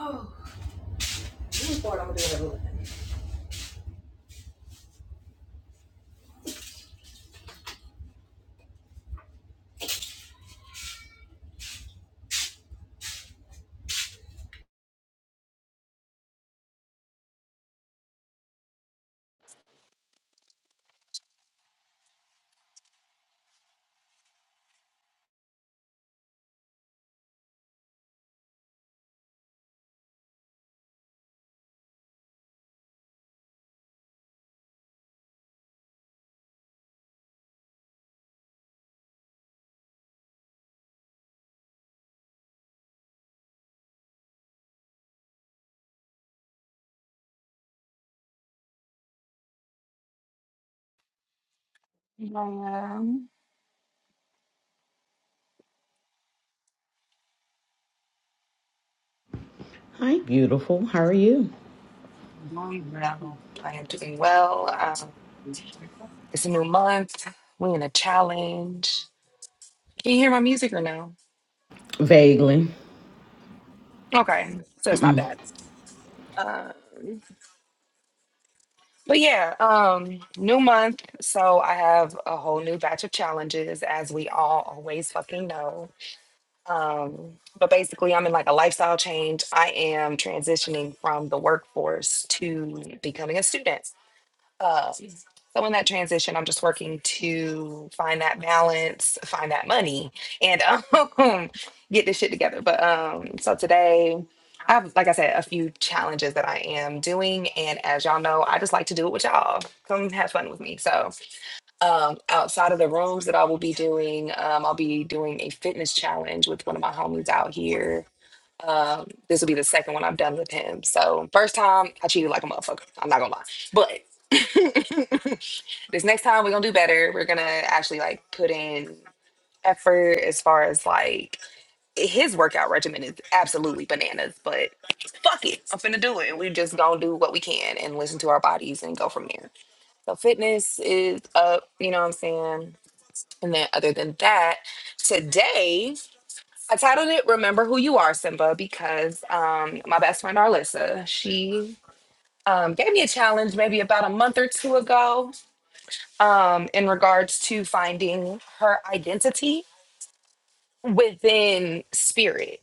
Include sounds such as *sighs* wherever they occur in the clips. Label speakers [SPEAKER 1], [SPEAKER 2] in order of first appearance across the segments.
[SPEAKER 1] Looking I'm Um,
[SPEAKER 2] Hi, beautiful. How are you?
[SPEAKER 1] doing well. I am doing well. Um, it's a new month. We in a challenge. Can you hear my music or no?
[SPEAKER 2] Vaguely.
[SPEAKER 1] Okay, so it's not
[SPEAKER 2] Mm-mm.
[SPEAKER 1] bad. Um, but yeah, um, new month. So I have a whole new batch of challenges, as we all always fucking know. Um, but basically, I'm in like a lifestyle change. I am transitioning from the workforce to becoming a student. Um, so in that transition, I'm just working to find that balance, find that money, and um, *laughs* get this shit together. But um, so today, I have, like I said, a few challenges that I am doing, and as y'all know, I just like to do it with y'all. Come have fun with me. So um, outside of the rooms that I will be doing, um, I'll be doing a fitness challenge with one of my homies out here um, this will be the second one I've done with him. So first time I cheated like a motherfucker. I'm not gonna lie. But *laughs* this next time we're gonna do better. We're gonna actually like put in effort as far as like his workout regimen is absolutely bananas, but fuck it. I'm finna do it. And we just gonna do what we can and listen to our bodies and go from there. So fitness is up, you know what I'm saying? And then other than that, today I titled it "Remember Who You Are, Simba" because um, my best friend Arlissa she um, gave me a challenge maybe about a month or two ago um, in regards to finding her identity within spirit.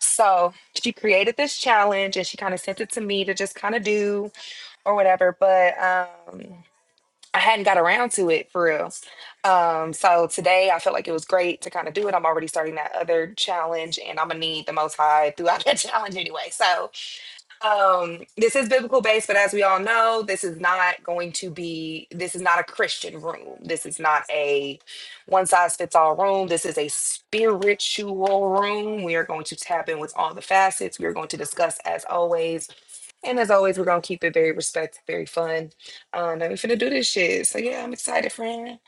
[SPEAKER 1] So she created this challenge and she kind of sent it to me to just kind of do or whatever. But um, I hadn't got around to it for real. Um, so today I felt like it was great to kind of do it. I'm already starting that other challenge and I'm gonna need the most high throughout *laughs* that challenge anyway. So um this is biblical based, but as we all know, this is not going to be this is not a Christian room. This is not a one size fits all room. This is a spiritual room. We are going to tap in with all the facets. We are going to discuss as always and as always, we're gonna keep it very respectful, very fun. Um, and we're finna do this shit. So yeah, I'm excited, friend.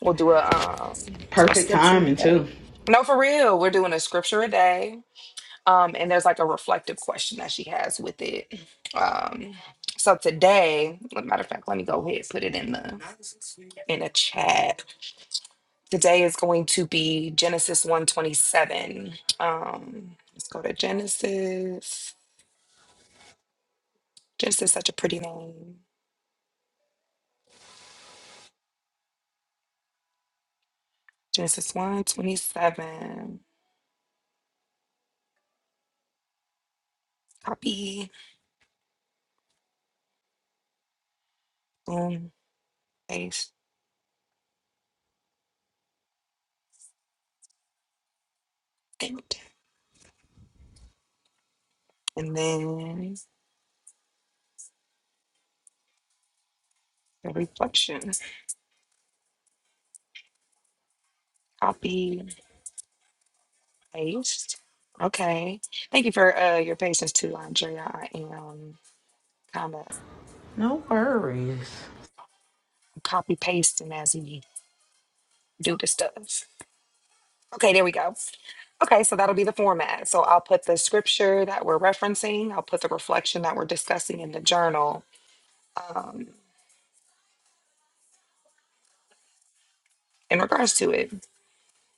[SPEAKER 1] We'll do a um a
[SPEAKER 2] Perfect
[SPEAKER 1] scripture a
[SPEAKER 2] timing,
[SPEAKER 1] day.
[SPEAKER 2] too.
[SPEAKER 1] No, for real, we're doing a scripture a day. Um, and there's like a reflective question that she has with it. Um, so today, matter of fact, let me go ahead and put it in the in the chat. Today is going to be Genesis 127. Um, let's go to Genesis. Genesis such a pretty name. Genesis one 27 Copy, boom, paste, paste. And then the reflection. Copy, paste. Okay. Thank you for uh, your patience too, Andrea. I am kind of
[SPEAKER 2] No worries.
[SPEAKER 1] copy pasting as we do the stuff. Okay, there we go. Okay, so that'll be the format. So I'll put the scripture that we're referencing, I'll put the reflection that we're discussing in the journal um, in regards to it.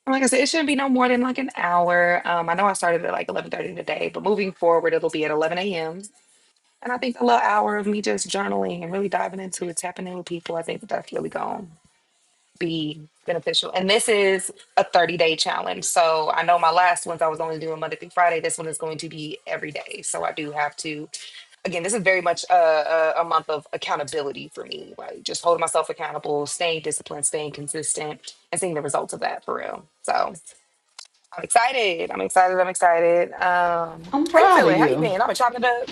[SPEAKER 1] Like I said, it shouldn't be no more than like an hour. Um, I know I started at like eleven thirty today, but moving forward, it'll be at eleven a.m. And I think a little hour of me just journaling and really diving into it, tapping in with people, I think that that's really gonna be beneficial. And this is a thirty day challenge, so I know my last ones I was only doing Monday through Friday. This one is going to be every day, so I do have to. Again, this is very much a, a, a month of accountability for me, like just holding myself accountable, staying disciplined, staying consistent, and seeing the results of that for real. So. I'm excited. I'm excited. I'm excited. Um,
[SPEAKER 2] I'm
[SPEAKER 1] how you
[SPEAKER 2] proud of
[SPEAKER 1] feeling? How you
[SPEAKER 2] you.
[SPEAKER 1] been? I've been chopping it up.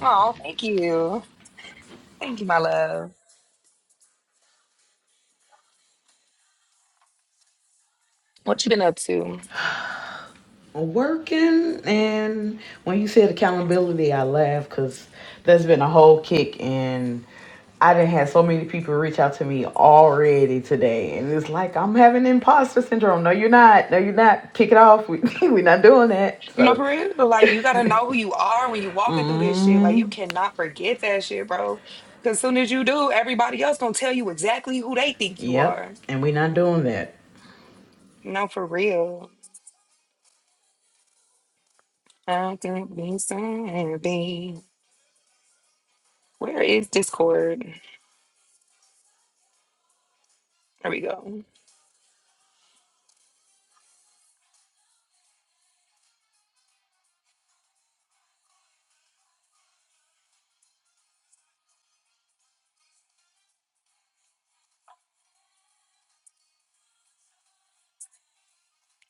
[SPEAKER 1] Oh, thank you. Thank you, my love. What you been up to?
[SPEAKER 2] Working and when you said accountability, I laughed because that's been a whole kick and I didn't have so many people reach out to me already today, and it's like I'm having imposter syndrome. No, you're not. No, you're not. Kick it off. We, *laughs* we're not doing that.
[SPEAKER 1] You know,
[SPEAKER 2] So,
[SPEAKER 1] for real, like you gotta know who you are when you walking through this shit. Like you
[SPEAKER 2] mm,
[SPEAKER 1] cannot forget that shit, bro. Cause soon as you do, everybody else gonna tell you exactly who they think you
[SPEAKER 2] yep,
[SPEAKER 1] are.
[SPEAKER 2] and we're not doing that.
[SPEAKER 1] No, for real. I think be something. Where is Discord? There we go.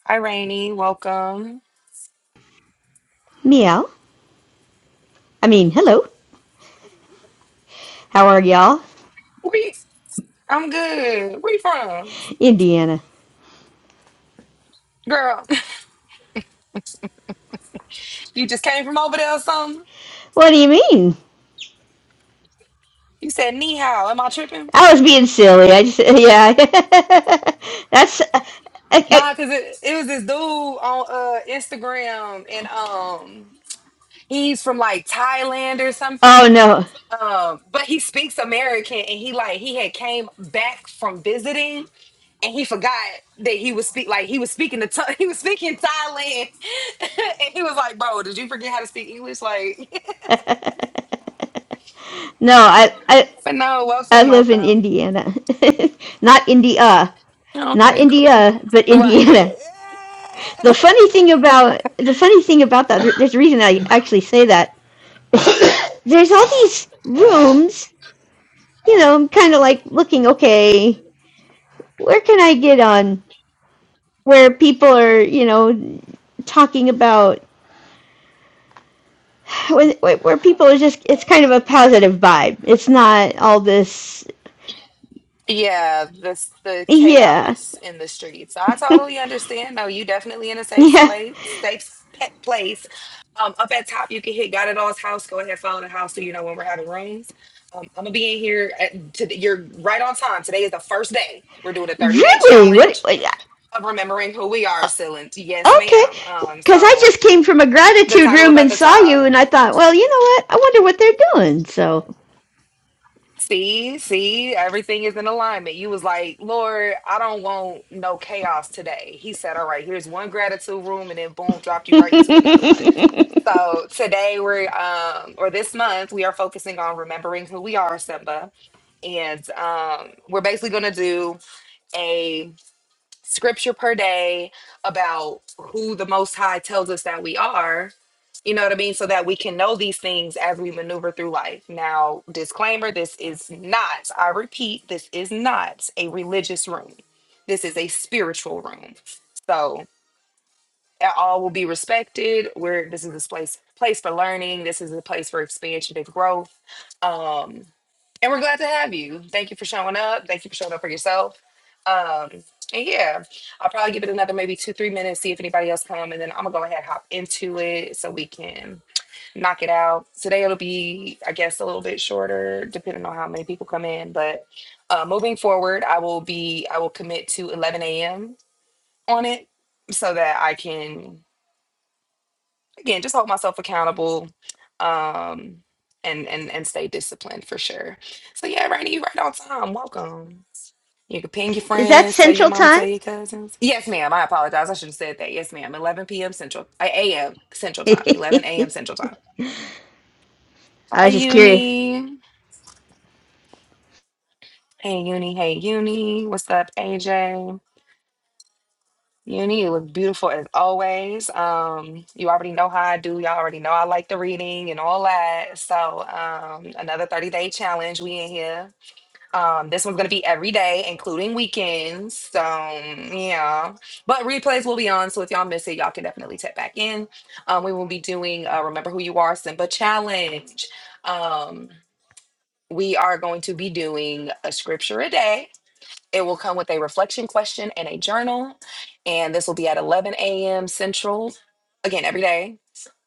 [SPEAKER 1] Hi, Rainy. Welcome.
[SPEAKER 3] Meow. I mean, hello. How are y'all?
[SPEAKER 1] Where you- I'm good. Where you from?
[SPEAKER 3] Indiana.
[SPEAKER 1] Girl, You just came from over there or something?
[SPEAKER 3] What do you mean?
[SPEAKER 1] You said knee how? Am I tripping?
[SPEAKER 3] I was being silly. I just, yeah. *laughs* That's, uh, I,
[SPEAKER 1] Nah,
[SPEAKER 3] I,
[SPEAKER 1] cause it, it was this dude on uh Instagram and um he's from like Thailand or
[SPEAKER 3] oh
[SPEAKER 1] something.
[SPEAKER 3] no.
[SPEAKER 1] Um, but he speaks American and he like he had came back from visiting and he forgot that he was speak like he was speaking to Tha- *laughs* he was speaking Thailand, *laughs* and he was like, "Bro, did you forget how to speak English?" Like,
[SPEAKER 3] *laughs* no, I, I,
[SPEAKER 1] *laughs* but no,
[SPEAKER 3] I
[SPEAKER 1] welcome,
[SPEAKER 3] live in
[SPEAKER 1] welcome.
[SPEAKER 3] Indiana. *laughs* not India. Not
[SPEAKER 1] Okay, cool.
[SPEAKER 3] India, but Indiana.
[SPEAKER 1] Right.
[SPEAKER 3] *laughs* The funny thing
[SPEAKER 1] *laughs*
[SPEAKER 3] about, the funny thing about that, there's a reason I actually say that. There's all these rooms, you know, I'm kind of like looking, okay, where can I get on where people are, you know, talking about where people are just it's kind of a positive vibe. It's not all this
[SPEAKER 1] Yeah, the the
[SPEAKER 3] yeah.
[SPEAKER 1] chaos in the streets. I totally understand. No, you definitely in a
[SPEAKER 3] *laughs*
[SPEAKER 1] safe
[SPEAKER 3] Yeah.
[SPEAKER 1] place, safe pet place. Um, up at top, you can hit God at all's house. Go ahead, follow the house so you know when we're having rooms. Um, I'm gonna be in here. At, to, you're right on time. Today is the first day. We're doing a 30 day
[SPEAKER 3] Really? What,
[SPEAKER 1] challenge
[SPEAKER 3] what
[SPEAKER 1] of remembering who we are, Silent. Yes,
[SPEAKER 3] okay.
[SPEAKER 1] ma'am. Um,
[SPEAKER 3] Cuz I
[SPEAKER 1] so
[SPEAKER 3] just came from a
[SPEAKER 1] the
[SPEAKER 3] gratitude
[SPEAKER 1] title up
[SPEAKER 3] room
[SPEAKER 1] at
[SPEAKER 3] and
[SPEAKER 1] the
[SPEAKER 3] saw you
[SPEAKER 1] top.
[SPEAKER 3] and I thought, well, you know what? I wonder what they're doing. So
[SPEAKER 1] See, see, everything is in alignment. You was like, Lord, I don't want no chaos today. He said, All right, here's one gratitude room, and then boom, dropped
[SPEAKER 3] *laughs*
[SPEAKER 1] you right into another one. So today we're um or this month we are focusing on remembering who we are, Simba. And um we're basically gonna do scripture per day about who the Most High tells us that we are. You know what I mean? So that we can know these things as we maneuver through life. Now, disclaimer this is not, I repeat, this is not a religious room. This is a spiritual room. So, that all will be respected. Where this is a place place for learning. This is a place for expansion and growth. Um, and we're glad to have you. Thank you for showing up. Thank you for showing up for yourself. Um, and yeah, I'll probably give it another maybe two, three minutes, see if anybody else come, and then I'm gonna go ahead and hop into it so we can knock it out. Today it'll be, I guess, a little bit shorter, depending on how many people come in. But uh, moving forward, I will be, I will commit to 11 a.m. on it so that I can again just hold myself accountable um and and and stay disciplined for sure so yeah Rainy, you right on time welcome you can ping your
[SPEAKER 3] Is that
[SPEAKER 1] friends tell your
[SPEAKER 3] central
[SPEAKER 1] mama
[SPEAKER 3] time?
[SPEAKER 1] tell your cousins yes ma'am i apologize i should have said that yes ma'am 11 p.m central uh, a.m
[SPEAKER 3] *laughs*
[SPEAKER 1] central time 11 a.m
[SPEAKER 3] I
[SPEAKER 1] central time hi
[SPEAKER 3] was just curious.
[SPEAKER 1] uni hey uni hey uni what's up aj Uni, it was beautiful as always. Um, you already know how I do. Y'all already know I like the reading and all that. So, um, another 30 day challenge. We in here. Um, this one's gonna be every day, including weekends. So, yeah. But replays will be on. So if y'all miss it, y'all can definitely tap back in. Um, we will be doing uh, Remember Who You Are Simba Challenge. Um, we are going to be doing a scripture a day it will come with a reflection question and a journal. And this will be at 11 a.m. Central, again, every day.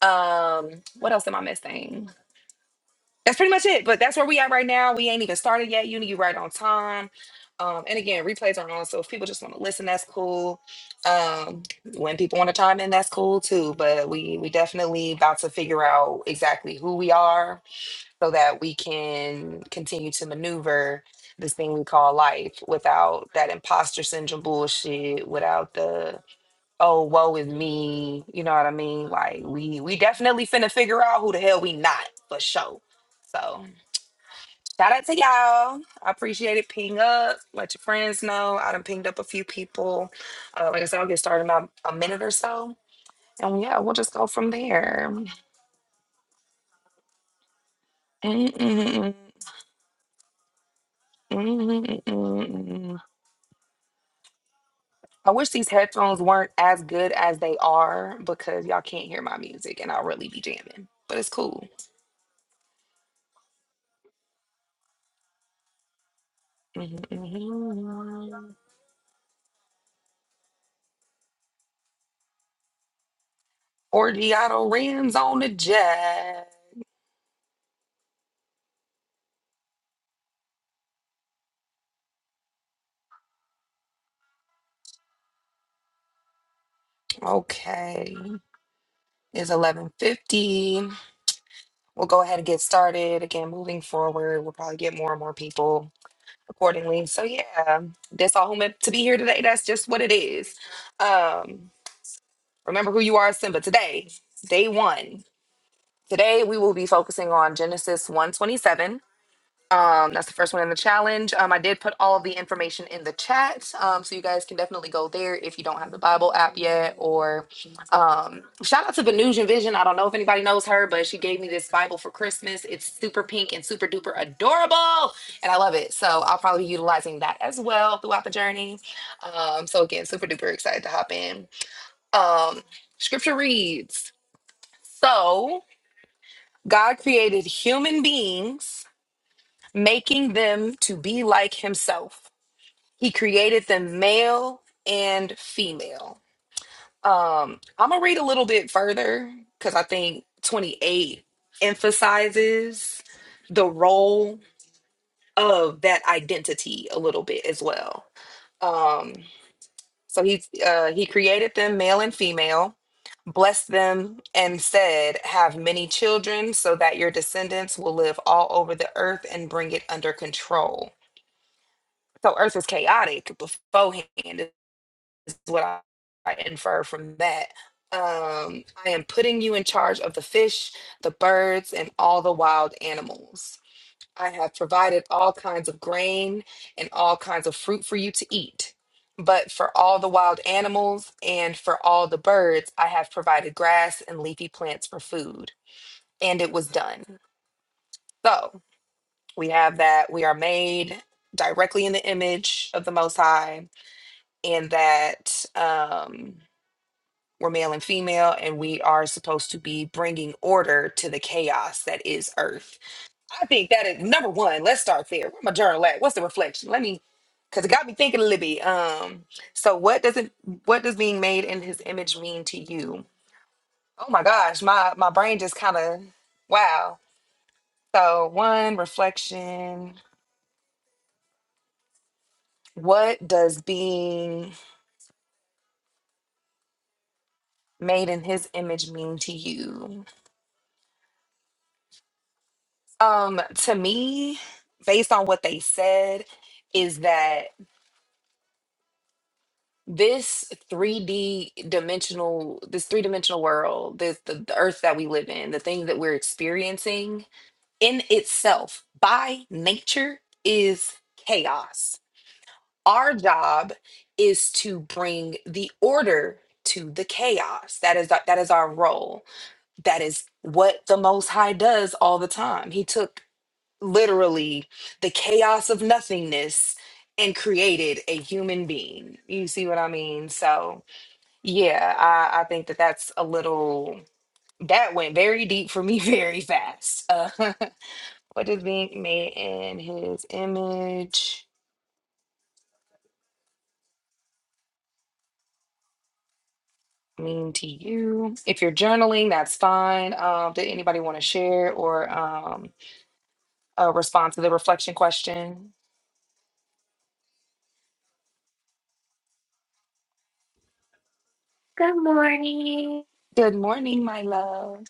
[SPEAKER 1] Um, what else am I missing? That's pretty much it. But that's where we at right now. We ain't even started yet. Uni, you right on time. Um, and again, replays are on. So if people just want to listen, that's cool. Um, when people want to chime in, that's cool too. But we we definitely about to figure out exactly who we are so that we can continue to maneuver this thing we call life without that imposter syndrome bullshit, without the oh woe is me, you know what I mean? Like we we definitely finna figure out who the hell we not for sure. So shout out to y'all. I appreciate it. Ping up, let your friends know. I done pinged up a few people. Uh, like I said, I'll get started in about a minute or so. And yeah, we'll just go from there. Mm, mm, mm, mm, mm, mm, mm, mm, mm. I wish these headphones weren't as good as they are because y'all can't hear my music and I'll really be jamming. But it's cool. *laughs* Orgiato Rams on the jet. Okay. It's 11:50. We'll go ahead and get started. Again, moving forward, we'll probably get more and more people accordingly. So yeah, that's all who meant to be here today. That's just what it is. Um, remember who you are, Simba. Today, day one. Today we will be focusing on Genesis 127. Um, that's the first one in the challenge. Um, I did put all of the information in the chat, um, so you guys can definitely go there if you don't have the Bible app yet. Or um, shout out to Venusian Vision. I don't know if anybody knows her, but she gave me this Bible for Christmas. It's super pink and super duper adorable, and I love it. So I'll probably be utilizing that as well throughout the journey. Um, so again, super duper excited to hop in. Um, scripture reads so. God created human beings, making them to be like himself. He created them male and female. Um, I'm gonna read a little bit further because I think 28 emphasizes the role of that identity a little bit as well. Um, So he uh, he created them male and female, blessed them, and said, "Have many children, so that your descendants will live all over the earth and bring it under control." So Earth was chaotic beforehand. Is what I, I infer from that. Um, I am putting you in charge of the fish, the birds, and all the wild animals. I have provided all kinds of grain and all kinds of fruit for you to eat. But for all the wild animals and for all the birds, I have provided grass and leafy plants for food. And it was done. So we have that we are made directly in the image of the Most High, and that um, we're male and female, and we are supposed to be bringing order to the chaos that is earth I think that is number one. Let's start there. Where my journal at? What's the reflection? Let me, because it got me thinking a little bit. Um, so what does it? What does being made in His image mean to you? Oh my gosh, my my brain just kind of wow. So one reflection. What does being made in His image mean to you? Um, to me, based on what they said, is that. this 3D dimensional, this three dimensional world, this the, the earth that we live in, the thing that we're experiencing in itself by nature is chaos. Our job is to bring the order to the chaos. That is that is our role. That is what the most high does all the time. He took literally the chaos of nothingness and created a human being. You see what I mean? So yeah, I, I think that that's a little that went very deep for me *laughs* very fast. Uh, *laughs* what is being made in his image mean to you? If you're journaling, that's fine. Um, did anybody want to share or um, uh, respond to the reflection question?
[SPEAKER 4] Good morning.
[SPEAKER 1] Good morning, my love.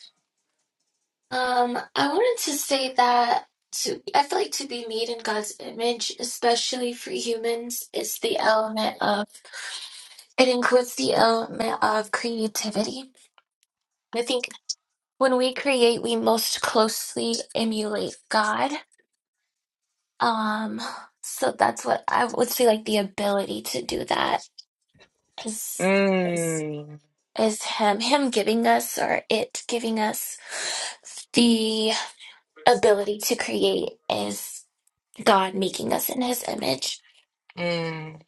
[SPEAKER 4] Um, I wanted to say that to I feel like to be made in God's image, especially for humans, is the element of it includes the element of creativity. I think when we create, we most closely emulate God. Um, so that's what I would say like the ability to do that is is
[SPEAKER 1] Mm,
[SPEAKER 4] is him him giving us or it giving us ability to create is God making us in his image.
[SPEAKER 1] mm.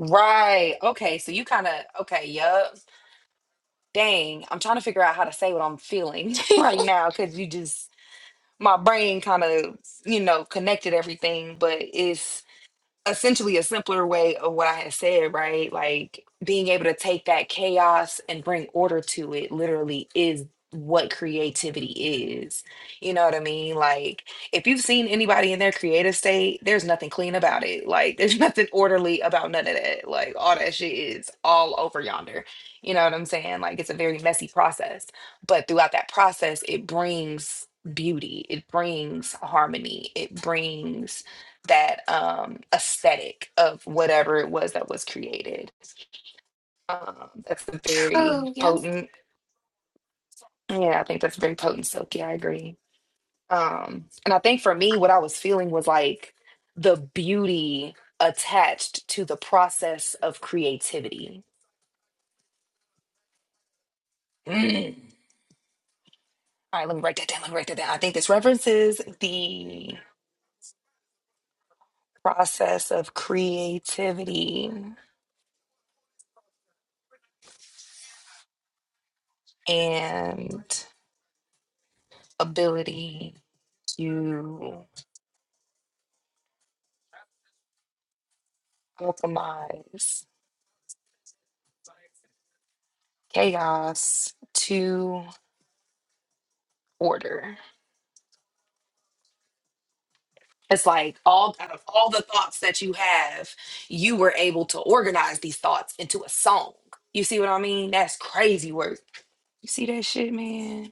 [SPEAKER 1] Right. Okay. So you kind of okay. Yup. Dang. I'm trying to figure out how to say what I'm feeling
[SPEAKER 4] *laughs*
[SPEAKER 1] *laughs* right now because you just my brain kind of you know connected everything but it's essentially a simpler way of what I had said, right? Like being able to take that chaos and bring order to it literally is what creativity is. You know what I mean? Like if you've seen anybody in their creative state, there's nothing clean about it. Like there's *laughs* nothing orderly about none of that. Like all that shit is all over yonder. You know what I'm saying? Like it's a very messy process. But throughout that process, it brings beauty. It brings harmony. It brings that um, aesthetic of whatever it was that was created. Um, that's very
[SPEAKER 4] True. Yep.
[SPEAKER 1] potent. Yeah, I think that's very potent, Silky. I agree. Um, and I think for me, what I was feeling was like the beauty attached to the process of creativity. Mm. All right, let me write that down. Let me write that down. I think this references the process of creativity and ability to optimize chaos to order. It's like all out of all the thoughts that you have, you were able to organize these thoughts into a song. You see what I mean? That's crazy work. You see that shit, man?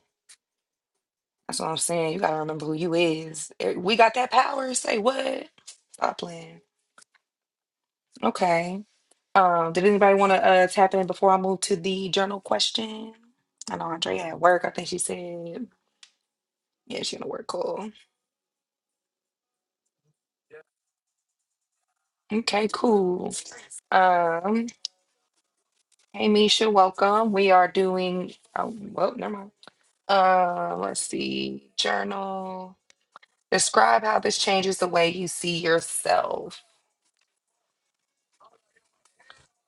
[SPEAKER 1] That's what I'm saying. You gotta remember who you is. Eh, We got that power. Say what? Stop playing. Okay. Um, did anybody want to uh tap in before I move to the journal question? I know Andre at work. I think she said, yeah, she gonna work. Cool. Okay, cool. Um, hey Misha, welcome. We are doing, oh, well, never mind. Uh, let's see, journal. Describe how this changes the way you see yourself.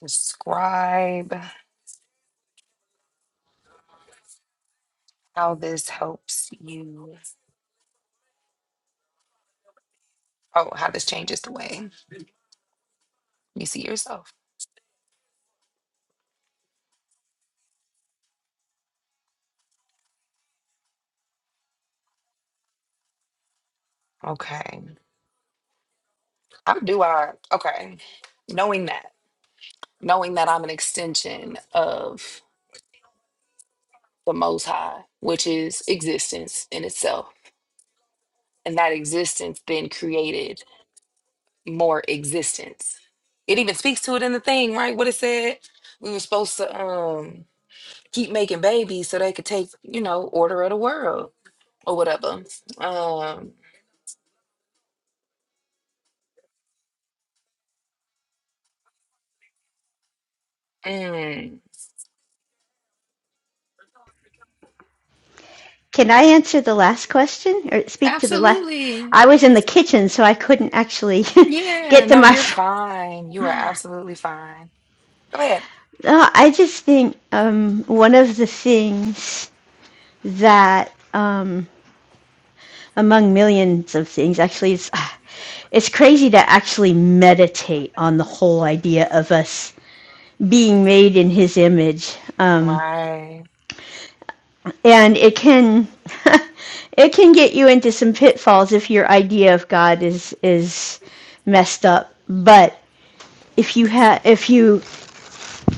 [SPEAKER 1] Describe how this helps you. Oh, how this changes the way you see yourself. Okay. How do I? Okay. Knowing that, knowing that I'm an extension of the Most High, which is existence in itself and that existence then created more existence. It even speaks to it in the thing, right? What it said, we were supposed to um keep making babies so they could take, you know, order of the world or whatever. Um, mm,
[SPEAKER 3] Can I answer the last question or speak to the last?
[SPEAKER 1] absolutely,
[SPEAKER 3] I was in the kitchen, so I couldn't actually *laughs*
[SPEAKER 1] yeah.
[SPEAKER 3] get to
[SPEAKER 1] No,
[SPEAKER 3] my.
[SPEAKER 1] you're
[SPEAKER 3] ph-
[SPEAKER 1] fine. You are absolutely fine. Go ahead.
[SPEAKER 3] Oh, I just think um, one of the things that, um, among millions of things, actually, is *sighs* it's crazy to actually meditate on the whole idea of us being made in His image, um,
[SPEAKER 1] Right.
[SPEAKER 3] and it can. *laughs* It can get you into some pitfalls if your idea of God is is messed up. But if you ha- if you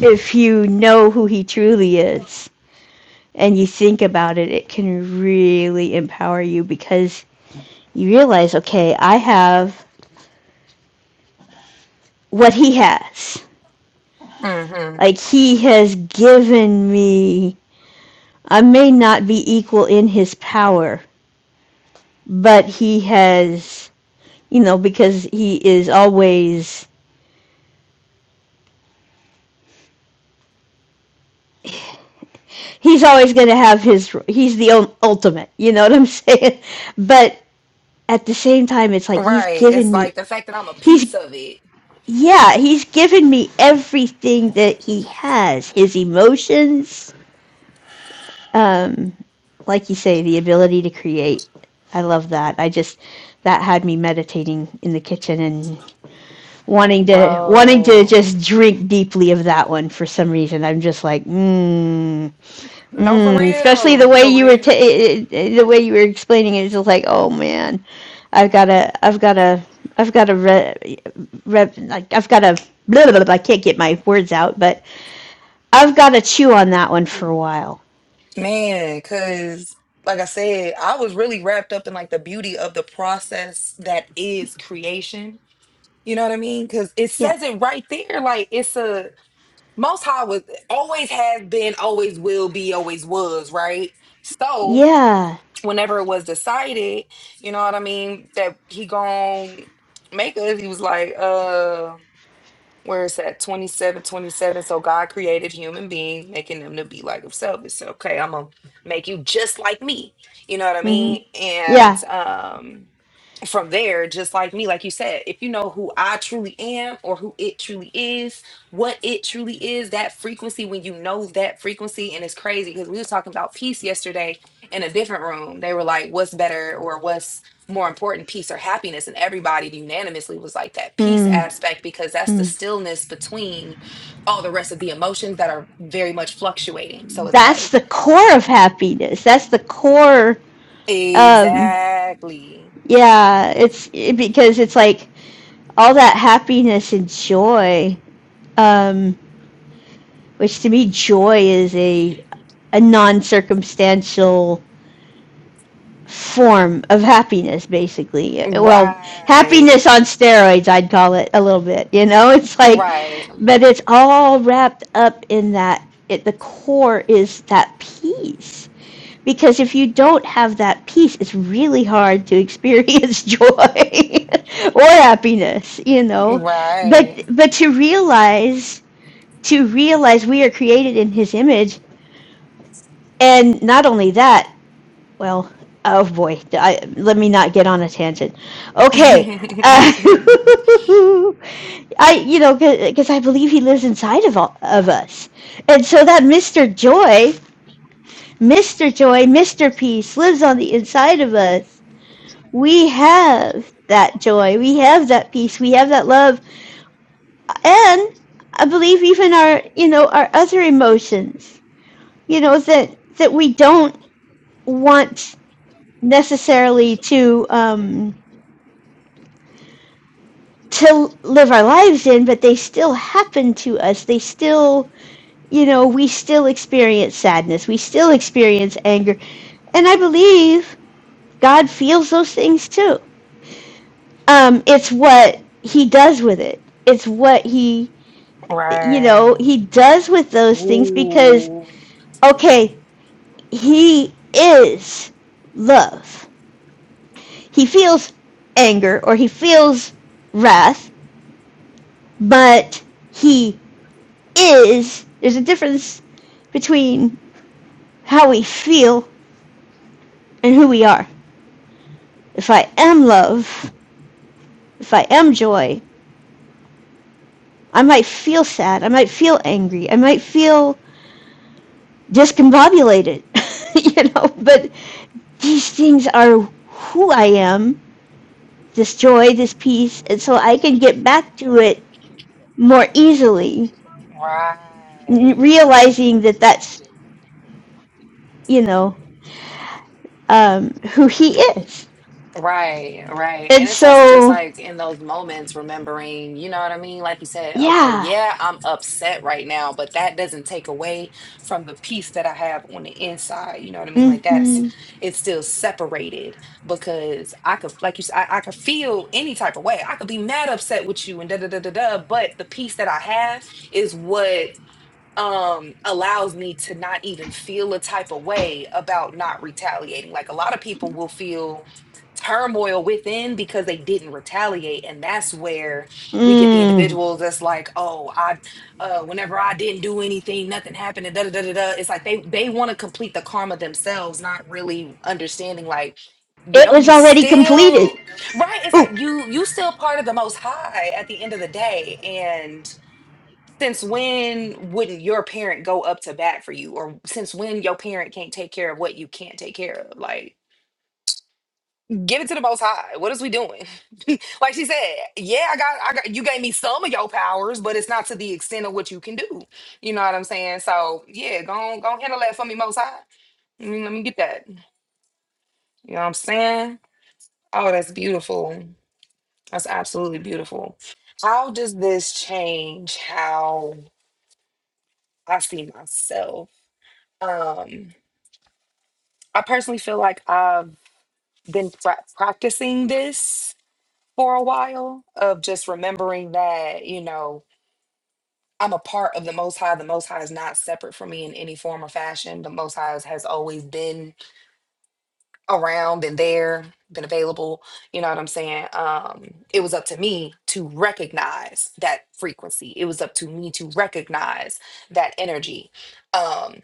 [SPEAKER 3] if you know who he truly is and you think about it, it can really empower you because you realize, okay, I have what he has.
[SPEAKER 1] Mm-hmm.
[SPEAKER 3] Like he has given me I may not be equal in his power, but he has you know because he is always he's always going to have his he's the ultimate you know what i'm *laughs* saying but at the same time it's like he's
[SPEAKER 1] Right.
[SPEAKER 3] given
[SPEAKER 1] It's
[SPEAKER 3] me
[SPEAKER 1] like the fact that I'm a
[SPEAKER 3] he's
[SPEAKER 1] piece of it,
[SPEAKER 3] Yeah, he's given me everything that he has his emotions, um, like you say, the ability to create. I love that. I just that had me meditating in the kitchen and wanting to wanting to
[SPEAKER 1] bro.
[SPEAKER 3] just drink deeply of that one for some reason. I'm just like, mmm,
[SPEAKER 1] No, for
[SPEAKER 3] Mm, especially the
[SPEAKER 1] real,
[SPEAKER 3] way
[SPEAKER 1] for
[SPEAKER 3] you were ta
[SPEAKER 1] real.
[SPEAKER 3] i- i- the way you were explaining it, it's just like, oh man, I've gotta, I've gotta, I've gotta re, re, like I've gotta, blah, blah, blah, blah, I can't get my words out, but I've gotta chew on that one for a while.
[SPEAKER 1] Man, because like I said, I was really wrapped up in like the beauty of the process that is creation. You know what I mean? Because it
[SPEAKER 3] Yeah,
[SPEAKER 1] says it right there. Like it's a most high was always has been, always will be, always was, right? So
[SPEAKER 3] yeah,
[SPEAKER 1] whenever it was decided, you know what I mean, that he gonna make us, he was like, uh, where it's at 27, 27. so god created human beings making them to be like himself He said, okay i'm gonna make you just like me you know what i
[SPEAKER 3] hmm
[SPEAKER 1] mean
[SPEAKER 3] yeah.
[SPEAKER 1] and um from there, just like me, like you said, if you know who I truly am or who it truly is, what it truly is, that frequency, when you know that frequency, and it's crazy because we were talking about peace yesterday in a different room. They were like, what's better or what's more important, peace or happiness? And everybody unanimously was like that peace
[SPEAKER 3] Mm,
[SPEAKER 1] aspect because that's the
[SPEAKER 3] mm.
[SPEAKER 1] stillness between all the rest of the emotions that are very much fluctuating. So it's
[SPEAKER 3] That's the
[SPEAKER 1] like,
[SPEAKER 3] core of happiness. That's the core. Um,
[SPEAKER 1] exactly.
[SPEAKER 3] yeah, it's it, because it's like all that happiness and joy. Um, which to me, joy is a, a non circumstantial form of happiness, basically. Well, happiness
[SPEAKER 1] Right.
[SPEAKER 3] on steroids, I'd call it a little bit. You know, *laughs* it's like,
[SPEAKER 1] Right.
[SPEAKER 3] but it's all wrapped up in that. At the core is that peace. Because if you don't have that peace, it's really hard to experience *laughs* joy *laughs* or happiness, you know.
[SPEAKER 1] Right.
[SPEAKER 3] But but to realize to realize we are created in his image And not only that, well, oh boy, I, let me not get on a tangent. Okay. Uh, *laughs*
[SPEAKER 1] *laughs*
[SPEAKER 3] I, you know, because I believe he lives inside of all, of us, and so that Mister Joy, Mister Joy, Mister Peace lives on the inside of us. We have that joy, we have that peace, we have that love, and I believe even our, you know, our other emotions, you know, that that we don't want necessarily to um, to live our lives in, but they still happen to us. They still, you know, we still experience sadness. We still experience anger, and I believe God feels those things too. Um, it's what He does with it. It's what He, you know,
[SPEAKER 1] right.
[SPEAKER 3] He does with those things because
[SPEAKER 1] Ooh.
[SPEAKER 3] okay, He is love. He feels anger or He feels wrath, but he is. There's a difference between how we feel and who we are. If I am love, if I am joy, I might feel sad, I might feel angry, I might feel discombobulated, *laughs* you know, but these things are who I am this joy, this peace, and so I can get back to it more easily,
[SPEAKER 1] Right.
[SPEAKER 3] realizing that that's, you know, um, who he is.
[SPEAKER 1] Right, right.
[SPEAKER 3] And
[SPEAKER 1] And it's also just
[SPEAKER 3] so,
[SPEAKER 1] like in those moments, remembering, you know what I mean? Like you said, okay,
[SPEAKER 3] yeah.
[SPEAKER 1] yeah, I'm upset right now, but that doesn't take away from the peace that I have on the inside. You know what I mean? Like
[SPEAKER 3] Mm-hmm.
[SPEAKER 1] that's, it's still separated because I could, like you said, I, I could feel any type of way. I could be mad upset with you and da da da da da, but the peace that I have is what um allows me to not even feel a type of way about not retaliating like a lot of people will feel turmoil within because they didn't retaliate and that's where we get the
[SPEAKER 3] Mm,
[SPEAKER 1] individuals that's like oh i uh whenever i didn't do anything nothing happened and da da da da da." it's like they they want to complete the karma themselves not really understanding like you
[SPEAKER 3] it
[SPEAKER 1] know
[SPEAKER 3] was
[SPEAKER 1] you
[SPEAKER 3] already completed.
[SPEAKER 1] still right it's
[SPEAKER 3] Ooh,
[SPEAKER 1] like you you still part of the most high at the end of the day since when wouldn't your parent go up to bat for you or since when your parent can't take care of what you can't take care of like give it to the most high what is we doing *laughs* like she said yeah i got i got you gave me some of your powers but it's not to the extent of what you can do you know what i'm saying so yeah go on go handle that for me most high let me, let me get that you know what i'm saying oh that's beautiful that's absolutely beautiful how does this change how i see myself um I personally feel like I've been pra- practicing this for a while of just remembering that, you know, I'm a part of the Most High. The Most High is not separate from me in any form or fashion. The Most High has has always been around, been there, been available. You know what I'm saying? Um, it was up to me to recognize that frequency. It was up to me to recognize that energy. Um,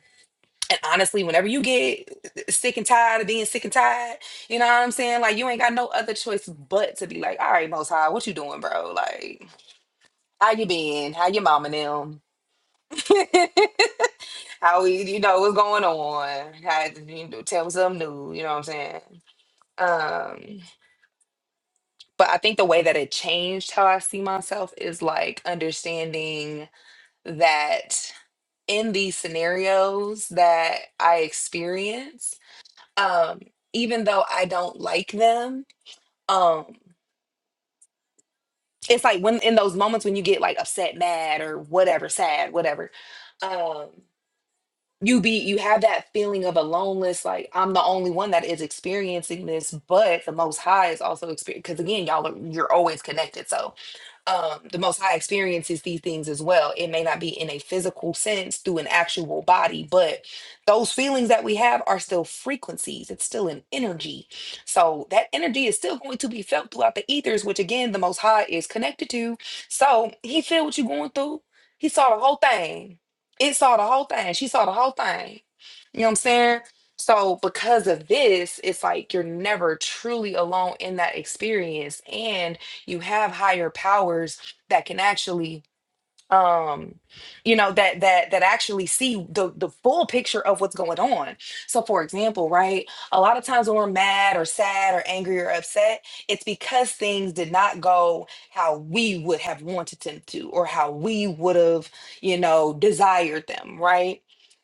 [SPEAKER 1] And honestly, whenever you get sick and tired of being sick and tired, you know what I'm saying? Like you ain't got no other choice but to be like, all right, most high, what you doing, bro? Like, how you been? How your mama and them? *laughs* how we, you know, what's going on? How you know, tell me something new, you know what I'm saying? Um, but I think the way that it changed how I see myself is like understanding that in these scenarios that I experience um even though i don't like them um it's like when in those moments when you get like upset mad or whatever sad whatever um you be you have that feeling of aloneness like i'm the only one that is experiencing this but the most high is also experiencing because again y'all are you're always connected so um, the Most High experiences these things as well. It may not be in a physical sense through an actual body, but those feelings that we have are still frequencies. It's still an energy. So that energy is still going to be felt throughout the ethers, which again, the Most High is connected to. So he feel what you're going through. He saw the whole thing. It saw the whole thing. She saw the whole thing. You know what I'm saying? So, because of this, it's like you're never truly alone in that experience. and you have higher powers that can actually um you know that that that actually see the the full picture of what's going on so for example right a lot of times when we're mad or sad or angry or upset it's because things did not go how we would have wanted them to or how we would have you know desired them right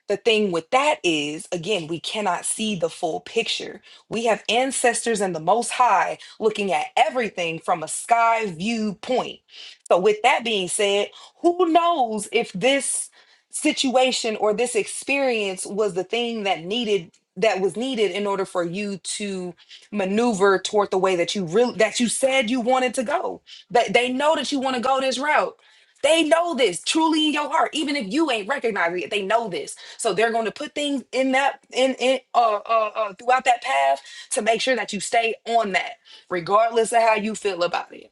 [SPEAKER 1] the thing with that is again we cannot see the full picture we have ancestors and the most high looking at everything from a sky view point so with that being said who knows if this situation or this experience was the thing that needed that was needed in order for you to maneuver toward the way that you really that you said you wanted to go. That they know that you want to go this route. They know this truly in your heart, even if you ain't recognizing it. They know this, so they're going to put things in that in in uh, uh, uh throughout that path to make sure that you stay on that, regardless of how you feel about it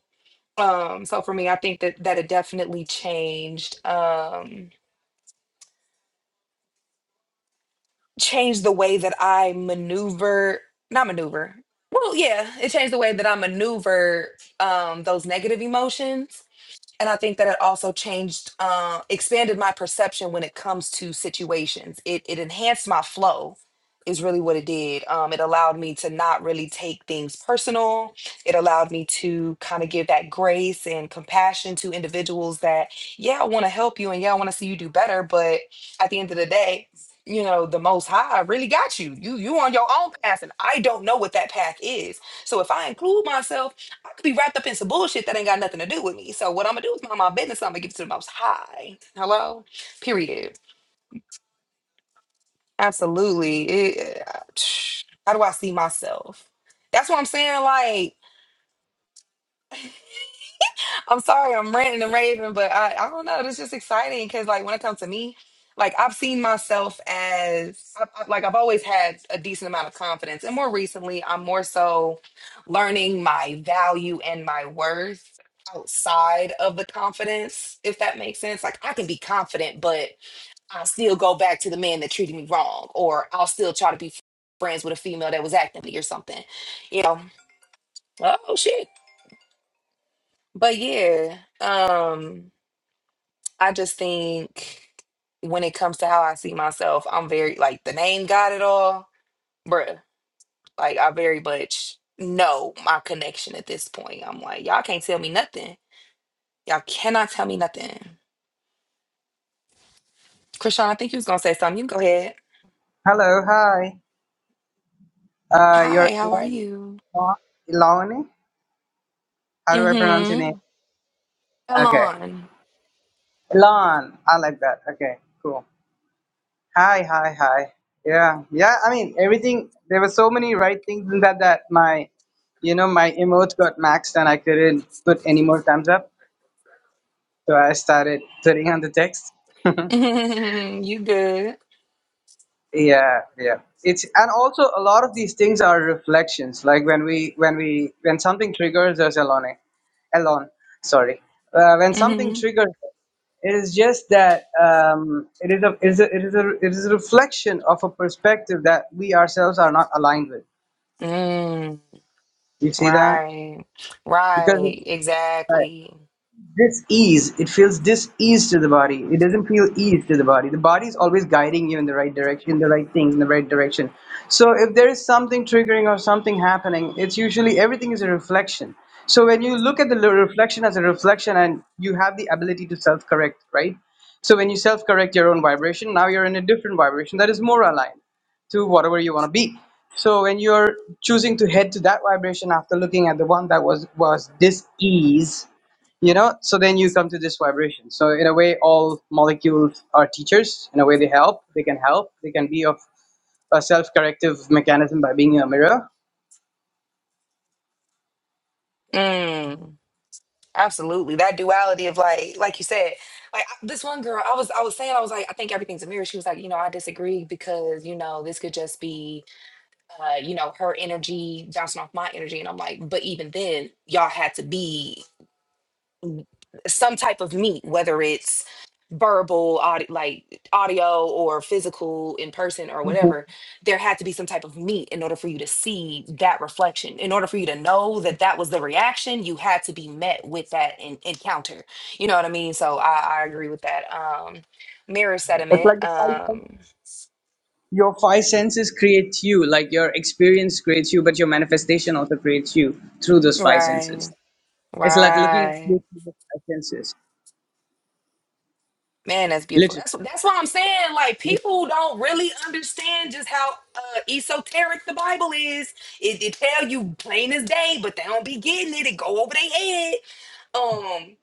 [SPEAKER 1] um so for me i think that that it definitely changed um changed the way that i maneuver not maneuver well yeah it changed the way that i maneuver um those negative emotions and i think that it also changed uh, expanded my perception when it comes to situations it, it enhanced my flow is really what it did um, it allowed me to not really take things personal it allowed me to kind of give that grace and compassion to individuals that yeah i want to help you and yeah i want to see you do better but at the end of the day you know the most high really got you you you on your own path and i don't know what that path is so if i include myself I could be wrapped up in some bullshit that ain't got nothing to do with me. So what I'm gonna do is mind my business. I'm gonna give it to the most high. Hello? Period. Absolutely. It, *tsk* how do I see myself? That's what I'm saying. Like I'm sorry, I'm ranting and raving, but I, I don't know. It's just exciting because, like, when it comes to me, like, I've seen myself as, I, I- like, I've always had a decent amount of confidence. And more recently, I'm more so learning my value and my worth outside of the confidence, if that makes sense. Like, I can be confident, but I'll still go back to the man that treated me wrong, or I'll still try to be friends with a female that was acting me or something, you know? Oh, shit. But yeah. Um, I just think when it comes to how I see myself, I'm very like the name got it all, bruh. Like I very much know my connection at this point. I'm like, y'all can't tell me nothing. Y'all cannot tell me nothing. Krishan, I think you was gonna say something. You can go ahead.
[SPEAKER 5] Hello, hi. Uh, you're
[SPEAKER 1] Hi, how are
[SPEAKER 5] Elon?
[SPEAKER 1] you?
[SPEAKER 5] Elon? How do I pronounce your name?
[SPEAKER 1] Mm-hmm.
[SPEAKER 5] Okay.
[SPEAKER 1] Elon.
[SPEAKER 5] Elon. I like that. Okay, cool. Hi, hi, hi. Yeah, yeah. I mean, everything, there were so many right things in that that my, you know, my emotes got maxed and I couldn't put any more thumbs up. So I started putting on the text. *laughs*
[SPEAKER 1] *laughs* you good?
[SPEAKER 5] yeah yeah it's and also a lot of these things are reflections like when we when we when something triggers us alone alone sorry uh, when something
[SPEAKER 1] Mm-hmm.
[SPEAKER 5] triggers us, it is just that um, it is a it is a, it is a it is a reflection of a perspective that we ourselves are not aligned with
[SPEAKER 1] Mm.
[SPEAKER 5] you see that
[SPEAKER 1] Right.
[SPEAKER 5] because
[SPEAKER 1] Right.
[SPEAKER 5] it's, right.
[SPEAKER 1] Exactly.
[SPEAKER 5] This ease, it feels this ease to the body. It doesn't feel ease to the body. The body is always guiding you in the right direction, the right things in the right direction. So if there is something triggering or something happening, it's usually everything is a reflection. So when you look at the l- reflection as a reflection and you have the ability to self correct, right? So when you self correct your own vibration, now you're in a different vibration that is more aligned to whatever you want to be. So when you're choosing to head to that vibration after looking at the one that was was dis ease, you know so then you come to this vibration so in a way all molecules are teachers in a way they help they can help they can be of a self-corrective mechanism by being a mirror
[SPEAKER 1] Mm. Absolutely. That duality of like, like you said, like I- this one girl, I was, I was saying, I was like, I think everything's a mirror. She was like, you know, I disagree because, you know, this could just be, uh, you know, her energy bouncing off my energy. And I'm like, but even then y'all had to be some type of meet, whether it's verbal, audio, like audio or physical in person or
[SPEAKER 5] Mhm.
[SPEAKER 1] whatever, there had to be some type of meet in order for you to see that reflection. In order for you to know that that was the reaction, you had to be met with that in- encounter. You know what I mean? So I, I agree with that. Um, mirror
[SPEAKER 5] it's
[SPEAKER 1] sediment.
[SPEAKER 5] like the five sen-
[SPEAKER 1] Um,
[SPEAKER 5] your five senses create you like your experience creates you but your manifestation also creates you through those five senses
[SPEAKER 1] right,
[SPEAKER 5] it's like looking at
[SPEAKER 1] right.
[SPEAKER 5] you through the five senses
[SPEAKER 1] Man, that's beautiful. That's
[SPEAKER 5] literally
[SPEAKER 1] that's what I'm saying. Like people don't really understand just how uh, esoteric the Bible is. It, it tell you plain as day, but they don't be getting it. It go over their head. Um,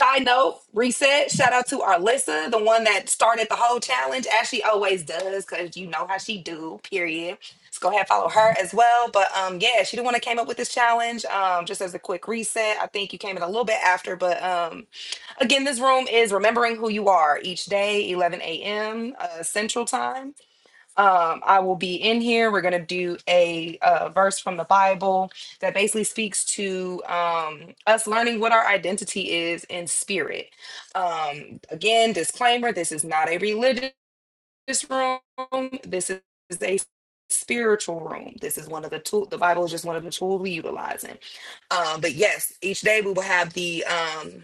[SPEAKER 1] Side note, reset. Shout out to Arlissa, the one that started the whole challenge, as she always does, because you know how she do. Period. Let's go ahead and follow her as well. But um, yeah, she the one that came up with this challenge. Um, just as a quick reset, I think you came in a little bit after, but um, again, this room is remembering who you are each day, 11 a.m. Uh, Central Time. Um, I will be in here. We're going to do a, uh verse from the Bible that basically speaks to um, us learning what our identity is in spirit. Um, again, disclaimer this is not a religion this room. This is a spiritual room. This is one of the tool. The Bible is just one of the tools we utilizing. Um, but yes, each day we will have the um,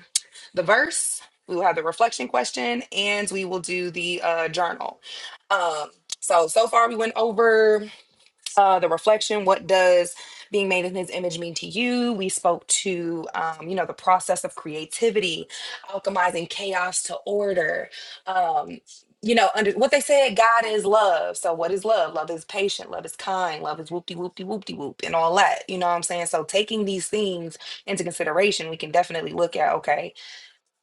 [SPEAKER 1] the verse. We will have the reflection question, and we will do the uh, journal. Um, so so far we went over uh, the reflection what does being made in his image mean to you we spoke to um, you know the process of creativity alchemizing chaos to order um, you know under what they said god is love so what is love love is patient love is kind love is whoop de whoop de whoop de whoop and all that you know what i'm saying so taking these things into consideration we can definitely look at okay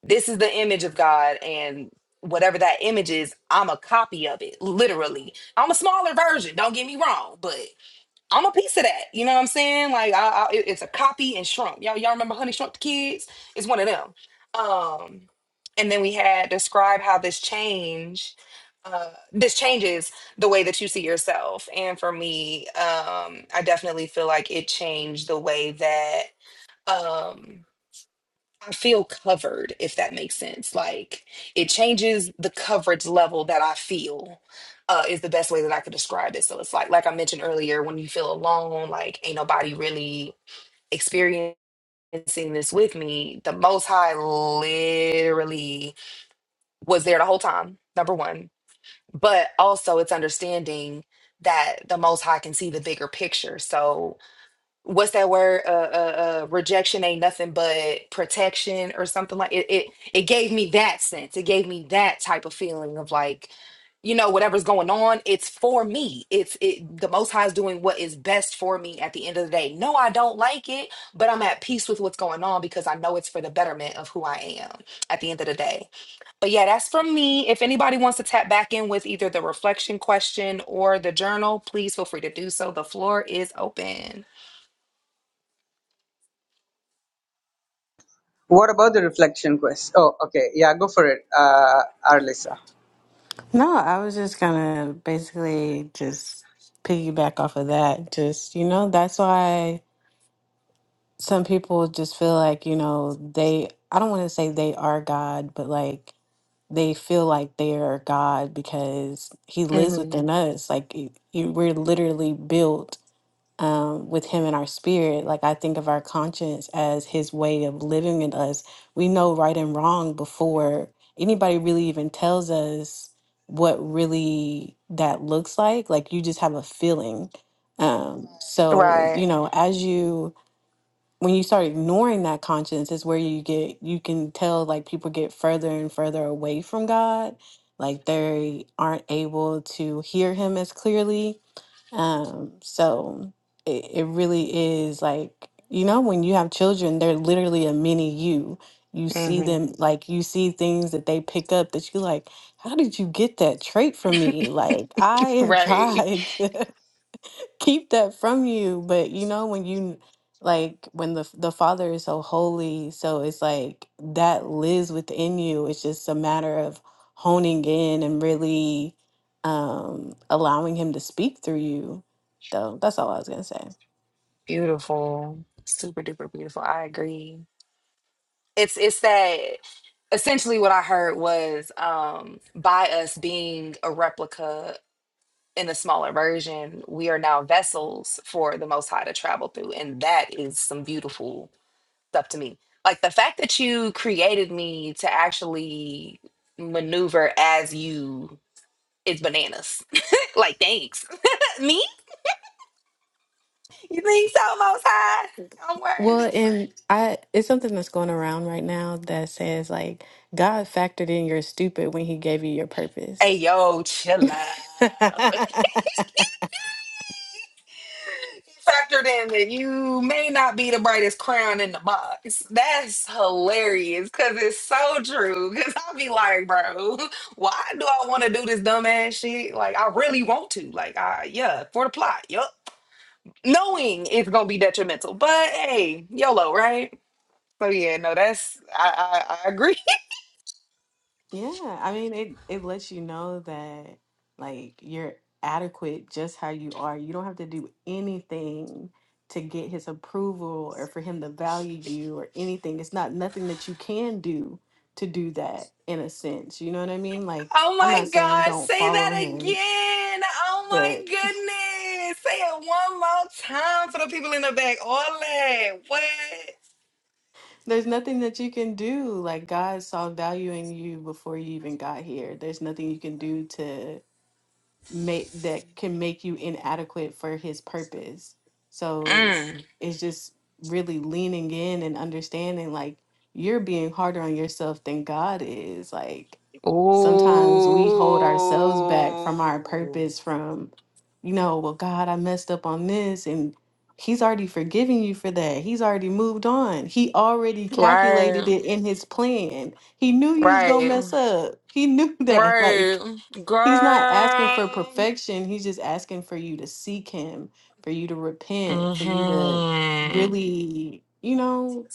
[SPEAKER 1] this is the image of god and whatever that image is i'm a copy of it literally I'm a smaller version, don't get me wrong, but I'm a piece of that. You know what I'm saying? Like I, I, it- it's a copy and shrunk. Y'all, y'all remember Honey Shrunk the Kids? It's one of them. Um, and then we had describe how this change, uh, this changes the way that you see yourself. And for me, um, I definitely feel like it changed the way that. Um, I feel covered, if that makes sense. Like it changes the coverage level that I feel, uh, is the best way that I could describe it. So it's like, like I mentioned earlier, when you feel alone, like ain't nobody really experiencing this with me, the Most High literally was there the whole time, number one. But also, it's understanding that the Most High can see the bigger picture. So what's that word? Uh, uh, uh, rejection ain't nothing but protection or something like it, it. It gave me that sense. It gave me that type of feeling of like, you know, whatever's going on, it's for me. It's it. The Most High is doing what is best for me at the end of the day. No, I don't like it, but I'm at peace with what's going on because I know it's for the betterment of who I am at the end of the day. But yeah, that's from me. If anybody wants to tap back in with either the reflection question or the journal, please feel free to do so. The floor is open.
[SPEAKER 5] what about the reflection quest oh okay yeah go for it uh arlisa
[SPEAKER 6] No, I was just gonna basically just piggyback off of that. Just, you know, that's why some people just feel like, you know, they, I don't want to say they are God, but like they feel like they are God because He lives
[SPEAKER 1] hmm
[SPEAKER 6] within us. Like y- y- we're literally built um, with him in our spirit. Like I think of our conscience as his way of living in us. We know right and wrong before anybody really even tells us what really that looks like. Like you just have a feeling. Um, so
[SPEAKER 1] Right.
[SPEAKER 6] you know, as you when you start ignoring that conscience is where you get you can tell like people get further and further away from God. Like they aren't able to hear him as clearly um, so it, it really is like, you know, when you have children, they're literally a mini you. You see
[SPEAKER 1] hmm
[SPEAKER 6] them like you see things that they pick up that you like, how did you get that trait from me? Like I have
[SPEAKER 1] Right.
[SPEAKER 6] tried. *laughs* keep that from you. But you know, when you like when the the Father is so holy, so it's like that lives within you. It's just a matter of honing in and really um allowing him to speak through you. Though that's all I was gonna say.
[SPEAKER 1] Beautiful. Super duper beautiful. I agree. It's it's that essentially what I heard was um by us being a replica in a smaller version, we are now vessels for the most high to travel through. And that is some beautiful stuff to me. Like the fact that you created me to actually maneuver as you is bananas. *laughs* like thanks. *laughs* me? You think so, Most High? I'm
[SPEAKER 6] Well,
[SPEAKER 1] worthy.
[SPEAKER 6] and I it's something that's going around right now that says like God factored in your stupid when he gave you your
[SPEAKER 1] Hey,
[SPEAKER 6] purpose.
[SPEAKER 1] yo, chill out.
[SPEAKER 6] *laughs*
[SPEAKER 1] Factored in that you may not be the brightest crown in the box. That's hilarious because it's so true. Because I'll be like, bro, why do I want to do this dumbass shit? Like, I really want to. Like, I, yeah, for the plot. Yup. Knowing it's going to be detrimental. But hey, YOLO, right? So, yeah, no, that's, I, I, I agree.
[SPEAKER 6] Yeah, I mean it it lets you know that like you're adequate just how you are. You don't have to do anything to get his approval or for him to value you or anything. It's not nothing that you can do to do that in a sense. You know what I mean? Like
[SPEAKER 1] Oh
[SPEAKER 6] I'm
[SPEAKER 1] my
[SPEAKER 6] not saying
[SPEAKER 1] gosh,
[SPEAKER 6] don't
[SPEAKER 1] say
[SPEAKER 6] follow
[SPEAKER 1] that
[SPEAKER 6] him,
[SPEAKER 1] again. Oh my
[SPEAKER 6] but *laughs*
[SPEAKER 1] goodness. Say it one more time for the people in the back. Ole, what?
[SPEAKER 6] there's nothing that you can do. Like God saw value in you before you even got here. There's nothing you can do to. make that can make you inadequate for his purpose. So
[SPEAKER 1] Mm.
[SPEAKER 6] it's just really leaning in and understanding like you're being harder on yourself than God is. Like sometimes we hold ourselves back from our
[SPEAKER 1] Ooh.
[SPEAKER 6] purpose from you know, well God, I messed up on this and he's already forgiven you for that. He's already moved on. He already
[SPEAKER 1] Right,
[SPEAKER 6] calculated it in his plan. He knew you was going to
[SPEAKER 1] right,
[SPEAKER 6] mess up. He knew *laughs* that. Like
[SPEAKER 1] right.
[SPEAKER 6] He's not asking for
[SPEAKER 1] Girl.
[SPEAKER 6] perfection. He's just asking for you to seek him, for you to repent, for you to
[SPEAKER 1] Mm-hmm.
[SPEAKER 6] really, you know,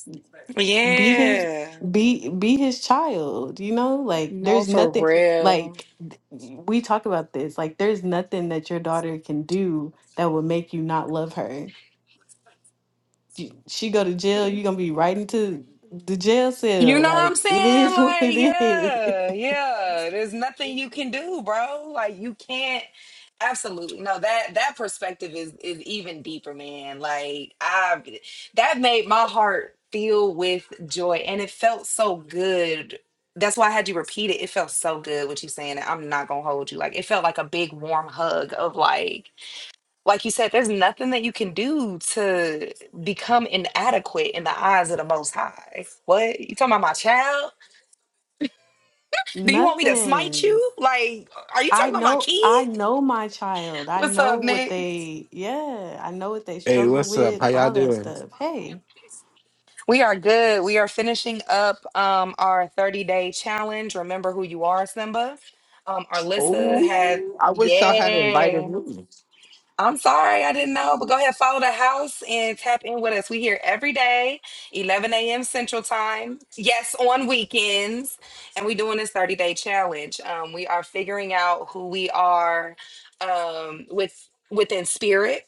[SPEAKER 6] be his
[SPEAKER 1] Yeah.
[SPEAKER 6] be be his child, you know? Like
[SPEAKER 1] No,
[SPEAKER 6] there's
[SPEAKER 1] for
[SPEAKER 6] nothing
[SPEAKER 1] real.
[SPEAKER 6] like th- we talk about this. Like there's nothing that your daughter can do that would make you not love her. You- She go to jail, you're going to be right into the jail
[SPEAKER 1] You
[SPEAKER 6] cell.
[SPEAKER 1] know what
[SPEAKER 6] Like
[SPEAKER 1] I'm
[SPEAKER 6] it
[SPEAKER 1] saying?
[SPEAKER 6] is *laughs* what
[SPEAKER 1] Like,
[SPEAKER 6] it is. *laughs*
[SPEAKER 1] yeah, yeah. There's nothing you can do, bro. Like, you can't. Absolutely. No, that that perspective is is even deeper, man. Like, I that made my heart feel with joy and it felt so good. That's why I had you repeat it. It felt so good what you saying. I'm not gonna hold you. Like it felt like a big warm hug of like like you said, there's nothing that you can do to become inadequate in the eyes of the Most High. What you talking about, my child? Do you want me to smite
[SPEAKER 6] Nothing.
[SPEAKER 1] you? Like, are you
[SPEAKER 6] I
[SPEAKER 1] talking about my
[SPEAKER 6] know I
[SPEAKER 1] kid?
[SPEAKER 6] know my child. I
[SPEAKER 1] What's
[SPEAKER 6] know
[SPEAKER 1] up,
[SPEAKER 6] what
[SPEAKER 1] Nick?
[SPEAKER 6] they yeah, I know what they
[SPEAKER 7] Hey,
[SPEAKER 6] struggle
[SPEAKER 7] what's up?
[SPEAKER 6] with,
[SPEAKER 7] How y'all
[SPEAKER 6] all that
[SPEAKER 7] doing?
[SPEAKER 6] stuff. Hey,
[SPEAKER 1] We are good. We are finishing up um, our 30 day challenge. Remember who you are, Simba. Um, Arlissa had,
[SPEAKER 7] Oh, I wish y'all had invited
[SPEAKER 1] yeah.
[SPEAKER 7] me.
[SPEAKER 1] I'm sorry, I didn't know, but go ahead, follow the house and tap in with us. We here every day, 11 a.m. Central Time. Yes, on weekends, and we doing this 30 day challenge. Um, we are figuring out who we are um, with within spirit.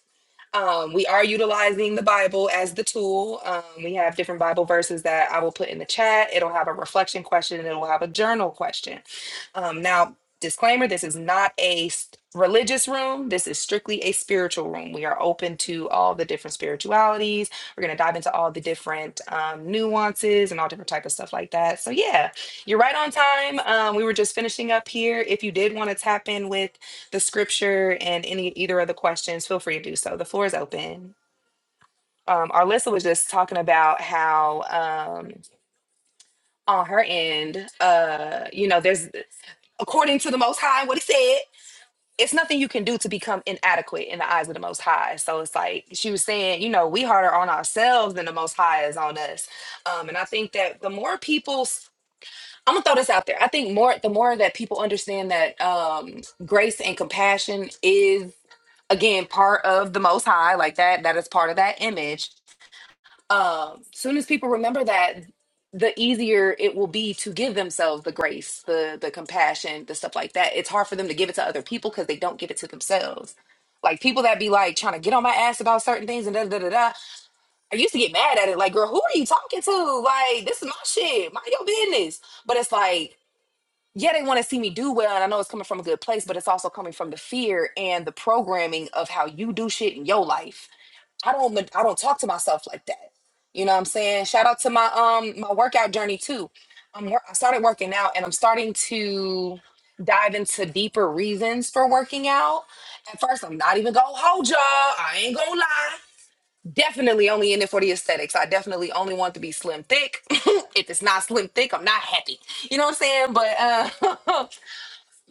[SPEAKER 1] Um, we are utilizing the Bible as the tool. Um, we have different Bible verses that I will put in the chat. It'll have a reflection question and it'll have a journal question. Um, now, disclaimer this is not a s- religious room, this is strictly a spiritual room. We are open to all the different spiritualities. We're going to dive into all the different um, nuances and all different type of stuff like that. So, yeah, you're right on time. Um, we were just finishing up here. If you did want to tap in with the scripture and any either of the questions, feel free to do so. The floor is open. Um, Arlissa was just talking about how um, on her end, uh, you know, there's according to the Most High, what He said, it's nothing you can do to become inadequate in the eyes of the Most High. So it's like she was saying, you know, we harder on ourselves than the Most High is on us. Um, and I think that the more people I'm gonna throw this out there. I think more the more that people understand that um grace and compassion is again part of the most high, like that, that is part of that image. Um soon as people remember that, the easier it will be to give themselves the grace, the the compassion, the stuff like that. It's hard for them to give it to other people because they don't give it to themselves. Like people that be like trying to get on my ass about certain things and da da da da. I used to get mad at it. Like, girl, who are you talking to? Like, this is my shit. Mind your business. But it's like yeah, they want to see me do well, and I know it's coming from a good place, but it's also coming from the fear and the programming of how you do shit in your life. I don't, I don't talk to myself like that. You know what I'm saying? Shout out to my um my workout journey too. I'm wor- I started working out, and I'm starting to dive into deeper reasons for working out. At first, I'm not even gonna hold y'all. I ain't gonna lie. Definitely only in it for the aesthetics. I definitely only want to be slim thick. *laughs* if it's not slim thick, I'm not happy. You know what I'm saying? But uh *laughs*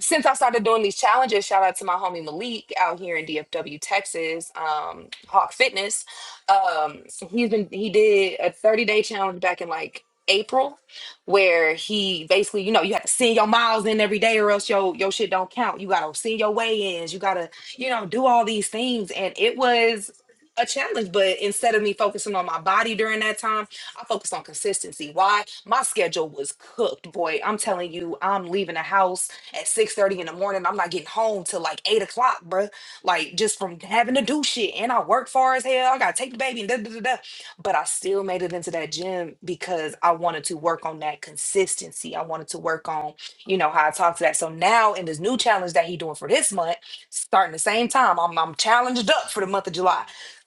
[SPEAKER 1] since I started doing these challenges, shout out to my homie Malik out here in DFW, Texas, um, Hawk Fitness. Um, he's been he did a 30 day challenge back in like April, where he basically, you know, you have to send your miles in every day or else your your shit don't count. You gotta send your weigh-ins, you gotta, you know, do all these things. And it was a challenge, but instead of me focusing on my body during that time, I focused on consistency. Why? My schedule was cooked, boy. I'm telling you, I'm leaving the house at six thirty in the morning. I'm not getting home till like 8 o'clock, bruh. Like just from having to do shit. And I work far as hell. I got to take the baby and da da da da. But I still made it into that gym because I wanted to work on that consistency. I wanted to work on, you know, how I talk to that. So now in this new challenge that he doing for this month, starting the same time, I'm, I'm challenged up for the month of July.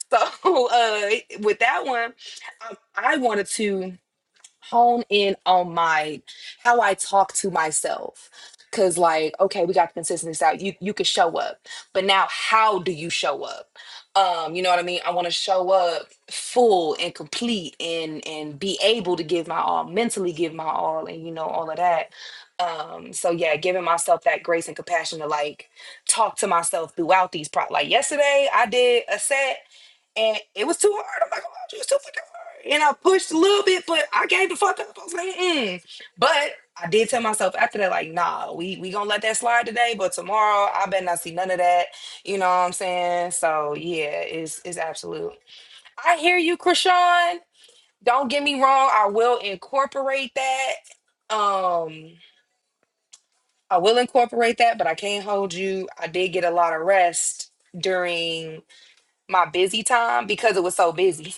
[SPEAKER 1] So *laughs* uh, with that one, I, I wanted to hone in on my how I talk to myself. Cause like, okay, we got the consistency out. You you can show up. But now how do you show up? Um, you know what I mean? I want to show up full and complete and and be able to give my all, mentally give my all and you know, all of that. Um, so yeah, giving myself that grace and compassion to like talk to myself throughout these pro like yesterday I did a set and it was too hard. I'm not gonna lie, to you, it was too fucking hard. And I pushed a little bit, but I gave the fuck up. I was like, mm. But I did tell myself after that, like, nah, we we gonna let that slide today, but tomorrow I better not see none of that. You know what I'm saying? So yeah, it's it's absolute. I hear you, Krishan. Don't get me wrong. I will incorporate that. Um, I will incorporate that, but I can't hold you. I did get a lot of rest during my busy time because it was so busy. *laughs*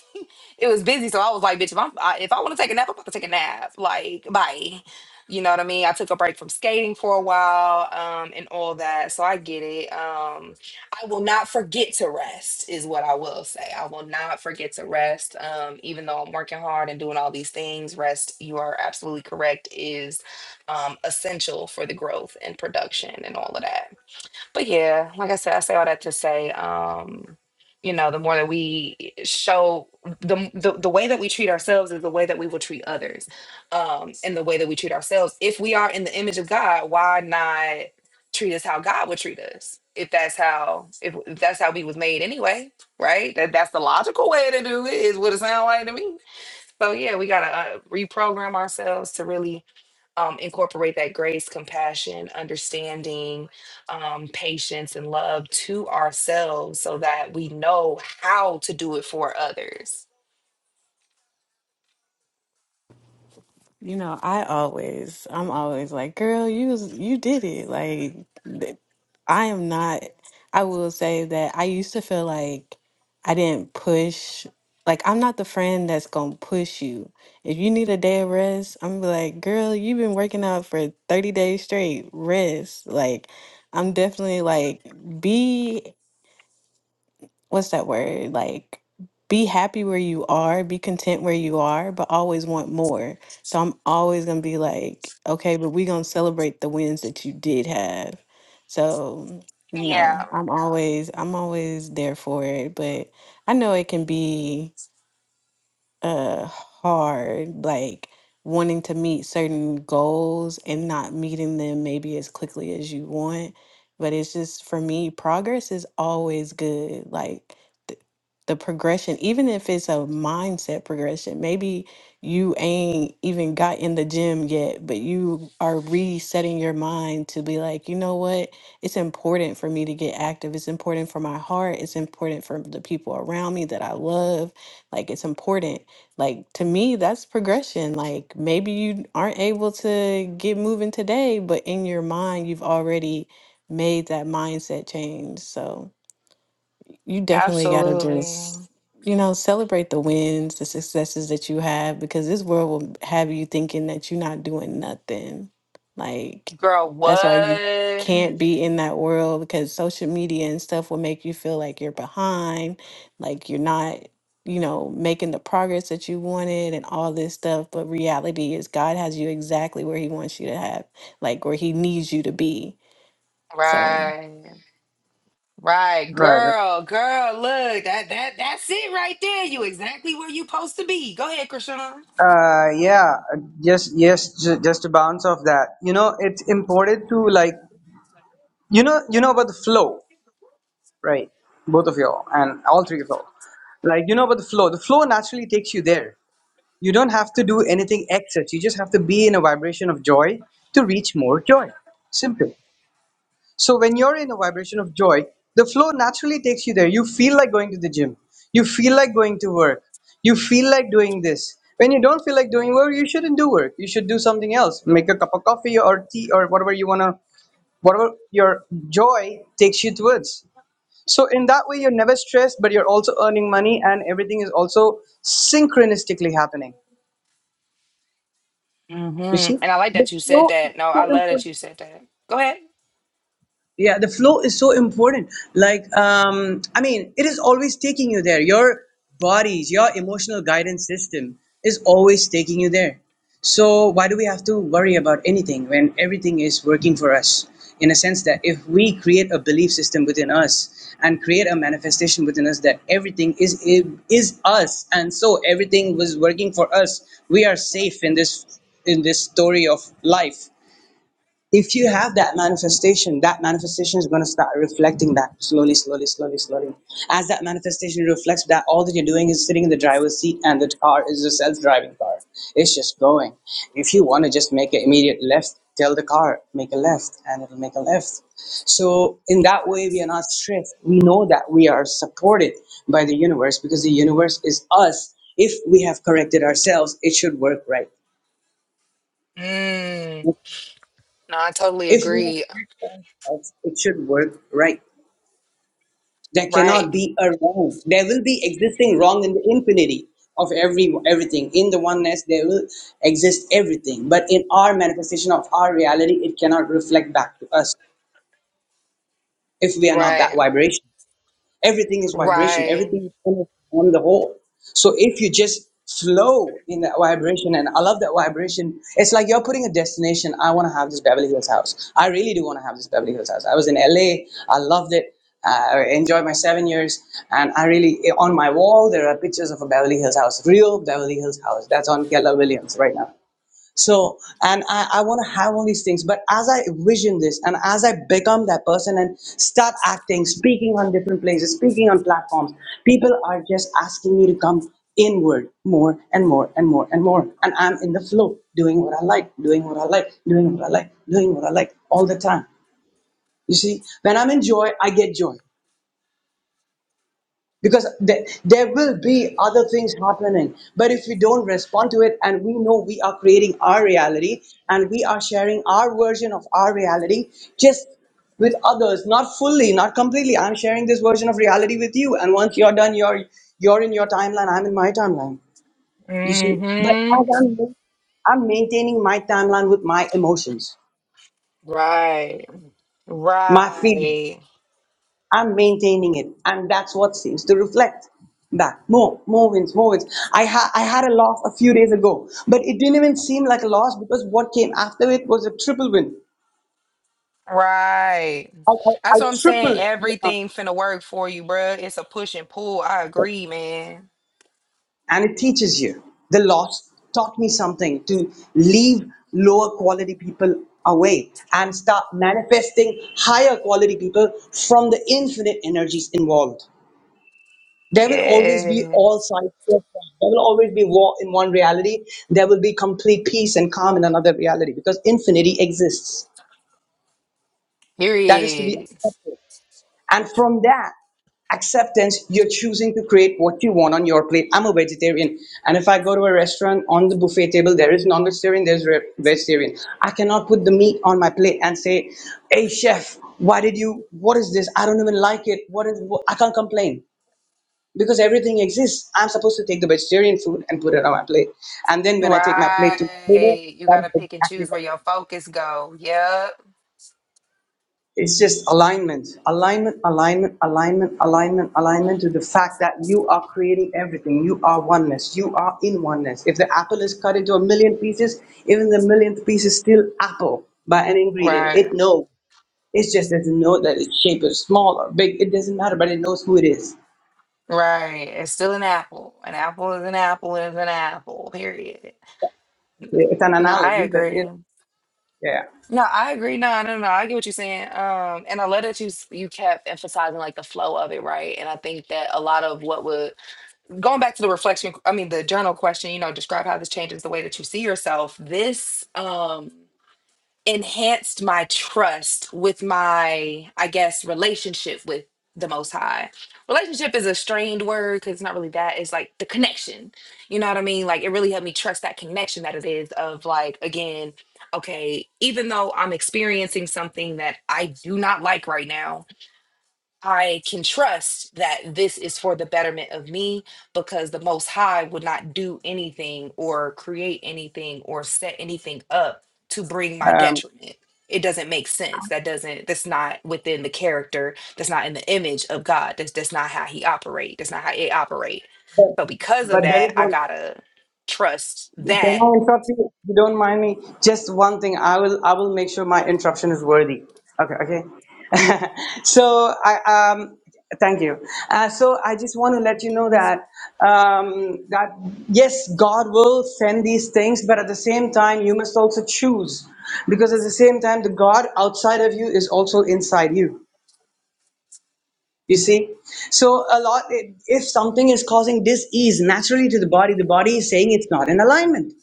[SPEAKER 1] it was busy. So I was like, bitch, if I'm, I, if I want to take a nap, I'm about to take a nap. Like, bye. You know what I mean? I took a break from skating for a while um, and all that. So I get it. Um, I will not forget to rest, is what I will say. I will not forget to rest. Um, even though I'm working hard and doing all these things, rest, you are absolutely correct, is um, essential for the growth and production and all of that. But yeah, like I said, I say all that to say, um, you know, the more that we show the, the the way that we treat ourselves is the way that we will treat others, um, and the way that we treat ourselves. If we are in the image of God, why not treat us how God would treat us? If that's how if, if that's how we was made anyway, right? That that's the logical way to do it is what it sounds like to me. So yeah, we gotta uh, reprogram ourselves to really um, incorporate that grace, compassion, understanding, um, patience, and love to ourselves so that we know how to do it for others.
[SPEAKER 6] you know, I always I'm always like, "Girl, you was, you did it." Like th- I am not I will say that I used to feel like I didn't push like I'm not the friend that's going to push you. If you need a day of rest, I'm gonna be like, "Girl, you've been working out for 30 days straight. Rest." Like I'm definitely like be what's that word? Like, be happy where you are, be content where you are, but always want more. So I'm always gonna be like, okay, but we gonna celebrate the wins that you did have. So, you
[SPEAKER 1] Yeah,
[SPEAKER 6] know, I'm always I'm always there for it, but I know it can be uh hard like wanting to meet certain goals and not meeting them maybe as quickly as you want but it's just for me progress is always good like th- the progression even if it's a mindset progression maybe you ain't even got in the gym yet but you are resetting your mind to be like you know what it's important for me to get active it's important for my heart it's important for the people around me that i love like it's important like to me, that's progression. Like maybe you aren't able to get moving today, but in your mind, you've already made that mindset change. So you definitely got to
[SPEAKER 1] absolutely.
[SPEAKER 6] just you know celebrate the wins the successes that you have because this world will have you thinking that you're not doing nothing like
[SPEAKER 1] Girl,
[SPEAKER 6] that's why you
[SPEAKER 1] what?
[SPEAKER 6] can't be in that world because social media and stuff will make you feel like you're behind like you're not you know making the progress that you wanted and all this stuff but reality is god has you exactly where he wants you to have like where he needs you to be so
[SPEAKER 1] Right. Right,
[SPEAKER 5] Right.
[SPEAKER 1] girl, girl, look, that that that's it right there. You exactly where you supposed to be. Go ahead, Krishan.
[SPEAKER 5] Uh, yeah, just yes, ju- just to bounce off that. You know, it's important to like you know you know about the flow, right? Both of y'all and all three of y'all. Like you know about the flow. The flow naturally takes you there. You don't have to do anything excess. You just have to be in a vibration of joy to reach more joy. Simple. So when you're in a vibration of joy, the flow naturally takes you there. You feel like going to the gym. You feel like going to work. You feel like doing this. When you don't feel like doing work, you shouldn't do work. You should do something else. Make a cup of coffee or tea or whatever you want to, whatever your joy takes you towards. So in that way, you're never stressed, but you're also earning money and everything is also synchronistically happening.
[SPEAKER 1] hmm
[SPEAKER 5] You
[SPEAKER 1] And
[SPEAKER 5] see?
[SPEAKER 1] I like that you said that. No, I love that you said that. Go ahead.
[SPEAKER 5] yeah the flow is so important like um i mean it is always taking you there your bodies your emotional guidance system is always taking you there so why do we have to worry about anything when everything is working for us in a sense that if we create a belief system within us and create a manifestation within us that everything is is us and so everything was working for us we are safe in this in this story of life if you have that manifestation, that manifestation is going to start reflecting that slowly, slowly, slowly, slowly. As that manifestation reflects that, all that you're doing is sitting in the driver's seat and the car is a self driving car. It's just going. If you want to just make an immediate left, tell the car, make a left, and it'll make a left. So, in that way, we are not stressed. We know that we are supported by the universe because the universe is us. If we have corrected ourselves, it should work right.
[SPEAKER 1] Mm, no, I totally
[SPEAKER 5] If we have
[SPEAKER 1] agree.
[SPEAKER 5] corrected ourselves, it should work right. There
[SPEAKER 1] Right.
[SPEAKER 5] cannot be a wrong. There will be existing wrong in the infinity of every everything. In the oneness, there will exist everything. But in our manifestation of our reality, it cannot reflect back to us if we are not that
[SPEAKER 1] Right.
[SPEAKER 5] vibration. Everything is vibration,
[SPEAKER 1] Right.
[SPEAKER 5] everything is energy on the whole. So if you just flow in that vibration, and I love that vibration, it's like you're putting a destination. I want to have this Beverly Hills house. I really do want to have this Beverly Hills house. I was in LA, I loved it. Uh, I enjoyed my seven years, and I really on my wall there are pictures of a Beverly Hills house, real Beverly Hills house. That's on Keller Williams right now. So, and I, I want to have all these things. But as I vision this and as I become that person and start acting, speaking on different places, speaking on platforms, people are just asking me to come inward more and more and more and more. And I'm in the flow, doing what I like, doing what I like, doing what I like, doing what I like all the time. You see, when I'm in joy, I get joy because there, there will be other things happening but if we don't respond to it and we know we are creating our reality and we are sharing our version of our reality just with others not fully not completely i'm sharing this version of reality with you and once you're done you're you're in your timeline i'm in my timeline you see but
[SPEAKER 1] hmm
[SPEAKER 5] as i'm i'm maintaining my timeline with my emotions
[SPEAKER 1] Right.
[SPEAKER 5] my feelings
[SPEAKER 1] Right.
[SPEAKER 5] I'm maintaining it, and that's what seems to reflect back. More, more wins, more wins. I had I had a loss a few days ago, but it didn't even seem like a loss because what came after it was a triple win.
[SPEAKER 1] Right.
[SPEAKER 5] I, I, I
[SPEAKER 1] That's what I'm saying.
[SPEAKER 5] tripled the amount,
[SPEAKER 1] Everything finna work for you, bruh. It's a push and pull. I agree, man.
[SPEAKER 5] and it teaches you. The loss taught me something to leave lower quality people away and start manifesting higher quality people from the infinite energies involved. There will always be
[SPEAKER 1] Yeah.
[SPEAKER 5] all sides. to it. There will always be war in one reality. There will be complete peace and calm in another reality because infinity exists. That is to be
[SPEAKER 1] Period.
[SPEAKER 5] accepted. And from that acceptance, you're choosing to create what you want on your plate. I'm a vegetarian. And if I go to a restaurant on the buffet table, there is non vegetarian, there's re- vegetarian. I cannot put the meat on my plate and say, hey, chef, why did you, what is this? I don't even like it. What is, wh- I can't complain because everything exists. I'm supposed to take the vegetarian food and put it on my plate. And then when I take my plate to my table,
[SPEAKER 1] Right. You
[SPEAKER 5] that's
[SPEAKER 1] gotta pick and
[SPEAKER 5] exactly
[SPEAKER 1] choose
[SPEAKER 5] what.
[SPEAKER 1] where your focus go. Yep.
[SPEAKER 5] It's just alignment, alignment, alignment, alignment, alignment, alignment to the fact that you are creating everything. You are oneness. You are in oneness. If the apple is cut into a million pieces, even the millionth piece is still apple by an ingredient.
[SPEAKER 1] Right.
[SPEAKER 5] It knows. It just doesn't know that its shape is small or big. It doesn't matter, but it knows who it is.
[SPEAKER 1] Right. It's still an apple. An apple is an apple is an apple. Period.
[SPEAKER 5] It's an
[SPEAKER 1] No, I
[SPEAKER 5] analogy, but it,
[SPEAKER 1] agree.
[SPEAKER 5] yeah.
[SPEAKER 1] No, I agree. No, no, no. no, I get what you're saying. Um, and I love that you s- you kept emphasizing like the flow of it, right? And I think that a lot of what would going back to the reflection, I mean the journal question, you know, describe how this changes the way that you see yourself. This um enhanced my trust with my, I guess, relationship with the Most High. Relationship is a strained word because it's not really that. It's like the connection. You know what I mean? Like it really helped me trust that connection that it is of like, again, okay, even though I'm experiencing something that I do not like right now, I can trust that this is for the betterment of me because the Most High would not do anything or create anything or set anything up to bring my
[SPEAKER 5] Um,
[SPEAKER 1] detriment. It doesn't make sense. That doesn't, that's not within the character. That's not in the image of God. That's, that's not how he operate. That's not how it operate.
[SPEAKER 5] But
[SPEAKER 1] So because
[SPEAKER 5] but
[SPEAKER 1] of
[SPEAKER 5] there is
[SPEAKER 1] that, I
[SPEAKER 5] one.
[SPEAKER 1] gotta trust
[SPEAKER 5] Can
[SPEAKER 1] that
[SPEAKER 5] I interrupt you? If you don't mind me, just one thing. I will. I will make sure my interruption is worthy. Okay. Okay. *laughs* so I um. Thank you. Uh, so I just want to let you know that um, that yes, God will send these things, but at the same time, you must also choose, because at the same time, the God outside of you is also inside you. you see so a lot if something is causing dis-ease naturally to the body the body is saying it's not in alignment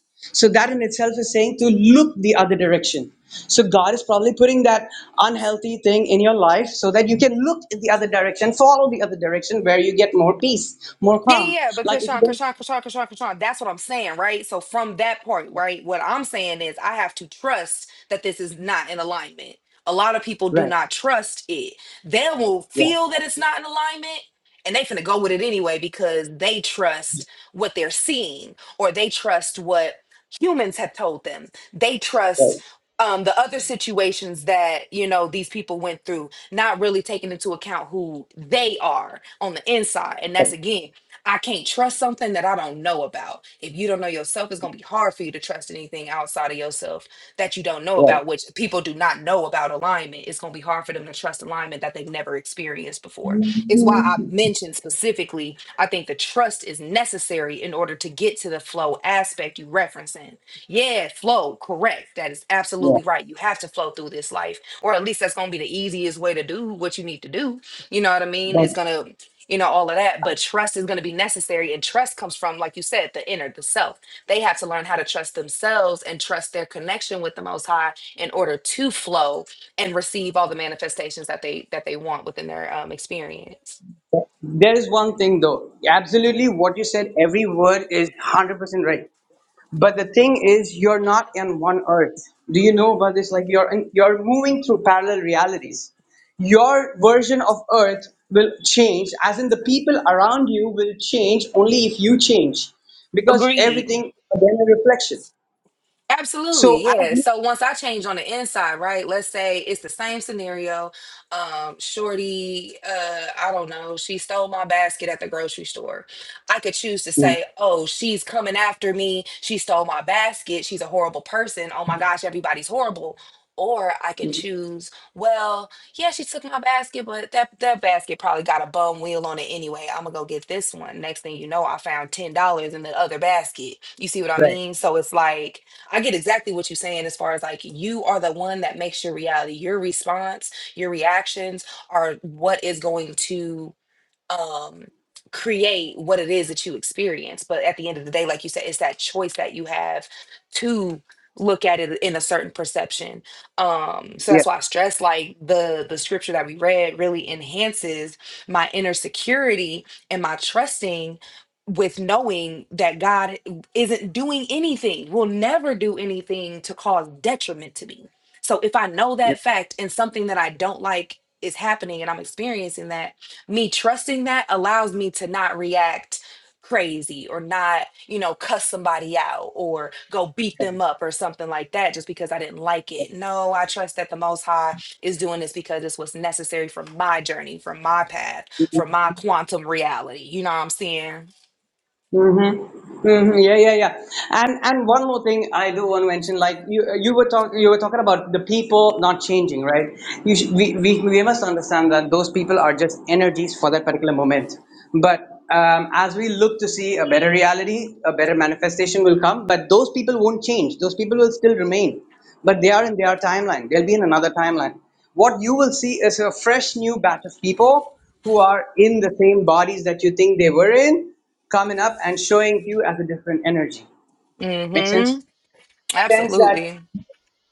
[SPEAKER 5] so that in itself is saying to look the other direction so god is probably putting that unhealthy thing in your life so that you can look in the other direction follow the other direction where you get more peace more
[SPEAKER 1] Yeah, yeah,
[SPEAKER 5] calm
[SPEAKER 1] yeah, but
[SPEAKER 5] like if you
[SPEAKER 1] Krishan,
[SPEAKER 5] don't
[SPEAKER 1] Krishan, Krishan, Krishan, Krishan. That's what I'm saying, right? So from that point, right, what I'm saying is I have to trust that this is not in alignment. A lot of people do
[SPEAKER 5] right
[SPEAKER 1] not trust it. They will
[SPEAKER 5] yeah
[SPEAKER 1] feel that it's not in alignment and they finna go with it anyway because they trust what they're seeing or they trust what humans have told them. They trust
[SPEAKER 5] right
[SPEAKER 1] um, the other situations that you know these people went through, not really taking into account who they are on the inside, and that's again I can't trust something that I don't know about. If you don't know yourself, it's going to be hard for you to trust anything outside of yourself that you don't know about, which people do not know about alignment. It's going to be hard for them to trust alignment that they've never experienced before. Is why
[SPEAKER 5] right
[SPEAKER 1] I mentioned specifically, I think the trust is necessary in order to get to the flow aspect you referencing. Yeah, flow, correct. That is
[SPEAKER 5] yeah
[SPEAKER 1] absolutely right. You have to flow through this life, or at least that's going to be the easiest way to do what you need to do. You know what I mean? It's
[SPEAKER 5] but
[SPEAKER 1] going to you know, all of that. But trust is going to be necessary. And trust comes from, like you said, the inner, the self. They have to learn how to trust themselves and trust their connection with the most high in order to flow and receive all the manifestations that they that they want within their um experience.
[SPEAKER 5] there is one thing though absolutely what you said every word is 100% right But the thing is, you're not in one earth. Do you know about this? Like you're in, you're moving through parallel realities. Your version of earth will change, as in the people around you will change only if you change, because
[SPEAKER 1] Agreed.
[SPEAKER 5] everything is again a reflection. So
[SPEAKER 1] Absolutely,
[SPEAKER 5] as
[SPEAKER 1] yeah.
[SPEAKER 5] you,
[SPEAKER 1] So once I change on the inside, right? Let's say it's the same scenario. Um, Shorty, uh, I don't know, she stole my basket at the grocery store. I could choose to
[SPEAKER 5] Mm,
[SPEAKER 1] say, "Oh, she's coming after me. She stole my basket. She's a horrible person. Oh my gosh, everybody's horrible." Or I can choose, well, yeah, she took my basket, but that that basket probably got a bum wheel on it anyway. I'm gonna go get this one. Next thing you know, I found ten dollars in the other basket. You see what I
[SPEAKER 5] right,
[SPEAKER 1] mean? So it's like I get exactly what you're saying as far as like you are the one that makes your reality. Your response, your reactions are what is going to um create what it is that you experience but at the end of the day like you said it's that choice that you have to look at it in a certain perception um so
[SPEAKER 5] yeah.
[SPEAKER 1] that's why i stress like the the scripture that we read really enhances my inner security and my trusting with knowing that god isn't doing anything will never do anything to cause detriment to me so if i know that fact and something that i don't like is happening and i'm experiencing that me trusting that allows me to not react crazy or not, you know, cuss somebody out or go beat them up or something like that just because I didn't like it. No, I trust that the Most High is doing this because it's what's necessary for my journey, for my path, for my quantum reality. You know what I'm saying?
[SPEAKER 5] Mm-hmm. Mm-hmm. Yeah, yeah, yeah. And and one more thing I do want to mention, like you uh, you were talking you were talking about the people not changing, right? You should, we, we we must understand that those people are just energies for that particular moment. But um, as we look to see a better reality, a better manifestation will come. But those people won't change. Those people will still remain, but they are in their timeline. They'll be in another timeline. What you will see is a fresh new batch of people who are in the same bodies that you think they were in coming up and showing you as a different energy. Makes
[SPEAKER 1] Mm hmm.
[SPEAKER 5] sense? Makes sense that
[SPEAKER 1] Absolutely.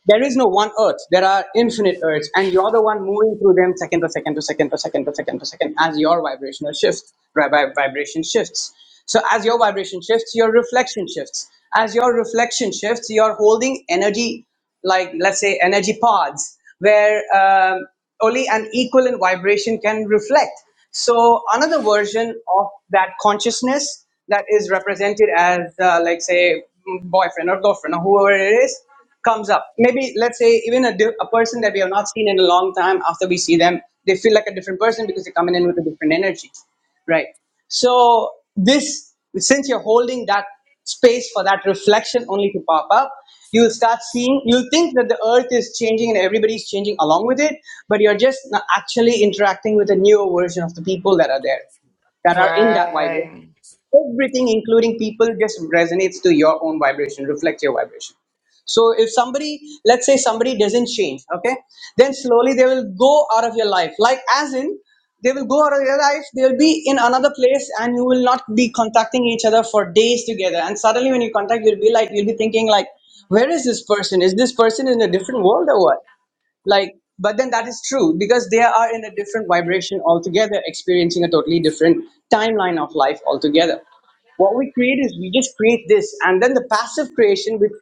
[SPEAKER 5] there is no one earth. There are infinite earths, and you're the one moving through them second to second to second to second to second to second as your vibrational shift, vi- vi- vibration shifts. So as your vibration shifts, your reflection shifts. As your reflection shifts, you're holding energy, like let's say energy pods, where um, only an equivalent vibration can reflect. So another version of that consciousness that is represented as, uh, like say, boyfriend or girlfriend or whoever it is comes up. Maybe let's say even a, di- a person that we have not seen in a long time. After we see them, they feel like a different person because they're coming in with a different energy, right? So this, since you're holding that space for that reflection only to pop up, you'll start seeing. You'll think that the earth is changing and everybody's changing along with it, but you're just not actually interacting with a newer version of the people that are there, that are in that vibration
[SPEAKER 1] Right.
[SPEAKER 5] everything including people just resonates to your own vibration reflects your vibration so if somebody let's say somebody doesn't change okay then slowly they will go out of your life like as in they will go out of your life they'll be in another place and you will not be contacting each other for days together and suddenly when you contact you'll be like you'll be thinking like where is this person is this person in a different world or what like but then that is true because they are in a different vibration altogether experiencing a totally different timeline of life altogether what we create is we just create this, and then the passive creation which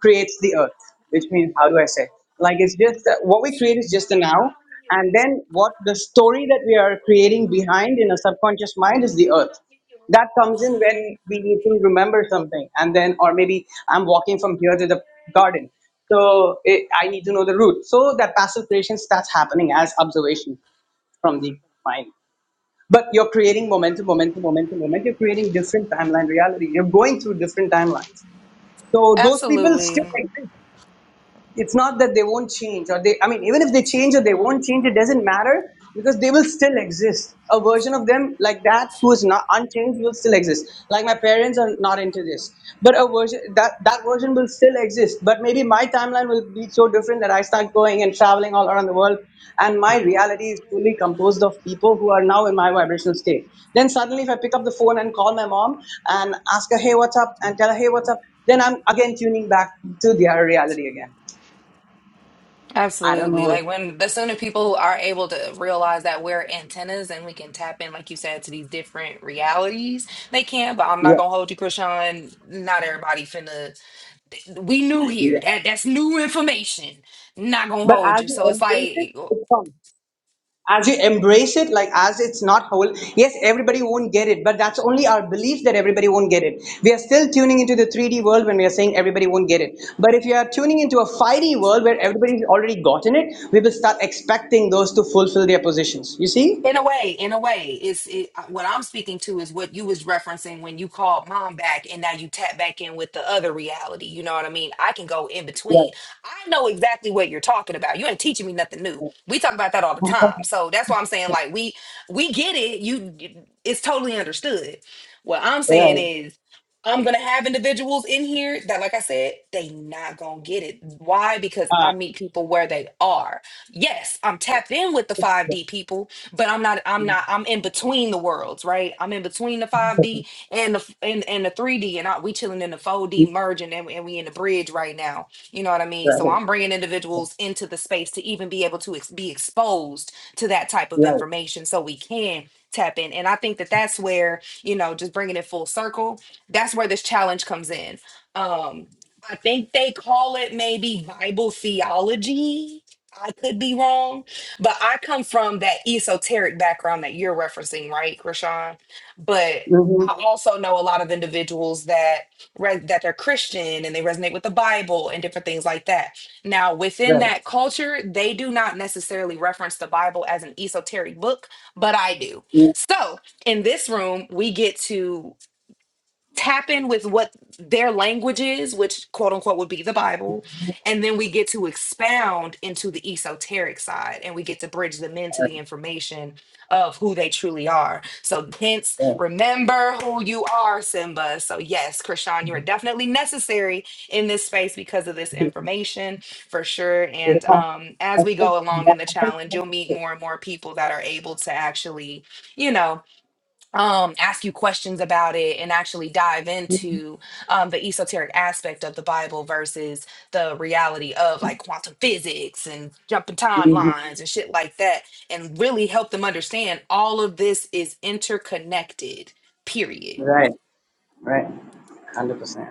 [SPEAKER 5] creates the earth, which means how do I say? Like it's just that what we create is just the now, and then what the story that we are creating behind in a subconscious mind is the earth. That comes in when we need to remember something, and then or maybe I'm walking from here to the garden, so it, I need to know the route. So that passive creation starts happening as observation from the mind. But you're creating momentum, momentum, momentum, momentum. You're creating different timeline reality. You're going through different timelines. So those people still
[SPEAKER 1] Absolutely.
[SPEAKER 5] exist it's not that they won't change or they i mean even if they change or they won't change it doesn't matter because they will still exist a version of them like that who is not unchanged will still exist like my parents are not into this but a version that that version will still exist but maybe my timeline will be so different that i start going and traveling all around the world and my reality is fully composed of people who are now in my vibrational state then suddenly if i pick up the phone and call my mom and ask her hey what's up and tell her hey what's up then i'm again tuning back to their reality again I don't
[SPEAKER 1] Absolutely.
[SPEAKER 5] know.
[SPEAKER 1] Like when the sooner people are able to realize that we're antennas and we can tap in, like you said, to these different realities, they can. But I'm not
[SPEAKER 5] Yeah,
[SPEAKER 1] gonna hold you, Krishan. Not everybody finna. We new
[SPEAKER 5] yeah.
[SPEAKER 1] here. That that's new information. Not gonna
[SPEAKER 5] But
[SPEAKER 1] hold
[SPEAKER 5] as
[SPEAKER 1] you.
[SPEAKER 5] you
[SPEAKER 1] So it's
[SPEAKER 5] embrace it,
[SPEAKER 1] like.
[SPEAKER 5] it's fun. As you embrace it, like as it's not whole, yes, everybody won't get it, but that's only our belief that everybody won't get it. We are still tuning into the 3D world when we are saying everybody won't get it. But if you are tuning into a 5D world where everybody's already gotten it, we will start expecting those to fulfill their positions. You see?
[SPEAKER 1] In a way, in a way, it's it, uh, what I'm speaking to is what you was referencing when you called mom back, and now you tap back in with the other reality. You know what I mean? I can go in
[SPEAKER 5] Right,
[SPEAKER 1] between. I know exactly what you're talking about. You ain't teaching me nothing new. We talk about that all the time, so that's why I'm saying like we we get it. You, it's totally understood. What I'm saying
[SPEAKER 5] right,
[SPEAKER 1] is. I'm gonna have individuals in here that, like I said, they not gonna get it. Why? Because I meet people where they are yes, I'm tapped in with the 5D people, but I'm not I'm not I'm in between the worlds, right? I'm in between the 5D and the and, and the 3D and I, we chilling in the 4D merging and, and we in the bridge right now. You know what I mean? So
[SPEAKER 5] right,
[SPEAKER 1] I'm bringing individuals into the space to even be able to ex- be exposed to that type of
[SPEAKER 5] right.
[SPEAKER 1] information so we can tap in. And I think that that's where, you know, just bringing it full circle, that's where this challenge comes in. Um I think they call it maybe Bible theology. I could be wrong but I come from that esoteric background that you're referencing, right, Krishan? But
[SPEAKER 5] hmm
[SPEAKER 1] I also know a lot of individuals that re- that they're Christian and they resonate with the Bible and different things like that. Now, within
[SPEAKER 5] right.
[SPEAKER 1] that culture, they do not necessarily reference the Bible as an esoteric book, but I do.
[SPEAKER 5] Yeah,
[SPEAKER 1] So, in this room, we get to tap in with what their language is, which quote unquote would be the Bible, and then we get to expound into the esoteric side and we get to bridge them into the information of who they truly are. So hence remember who you are, Simba. So yes, Krishan, you are definitely necessary in this space because of this information for sure.
[SPEAKER 5] yeah.
[SPEAKER 1] And um
[SPEAKER 5] I
[SPEAKER 1] as we
[SPEAKER 5] think-
[SPEAKER 1] go along in the
[SPEAKER 5] I think-
[SPEAKER 1] challenge, you'll meet more and more people that are able to actually, you know, um, ask you questions about it and actually dive into um, the esoteric aspect of the Bible versus the reality of like quantum physics and jumping timelines and shit like that, and really help them understand all of this is interconnected. Period.
[SPEAKER 5] Right, right. 100%.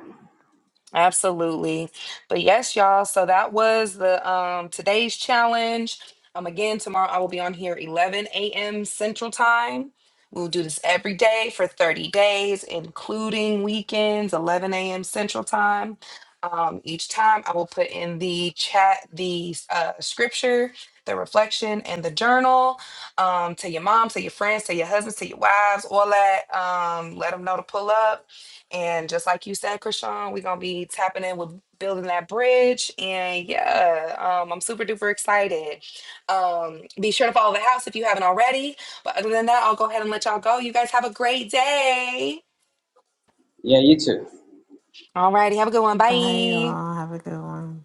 [SPEAKER 1] Absolutely. But yes, y'all. So that was the um today's challenge. Um again, tomorrow I will be on here 11 a.m. Central Time. We'll do this every day for 30 days, including weekends, 11 a.m. Central Time. Um, each time I will put in the chat the uh, scripture, the reflection, and the journal. Um, to your mom, to your friends, to your husbands, to your wives, all that. Um, let them know to pull up and just like you said, Krishan, we're gonna be tapping in with building that bridge. And yeah, um, I'm super duper excited. Um, be sure to follow the house if you haven't already. But other than that, I'll go ahead and let y'all go. You guys have a great day.
[SPEAKER 5] Yeah, you too.
[SPEAKER 1] Alrighty, have a good one.
[SPEAKER 6] bye
[SPEAKER 1] Bye.
[SPEAKER 6] y'all have a good one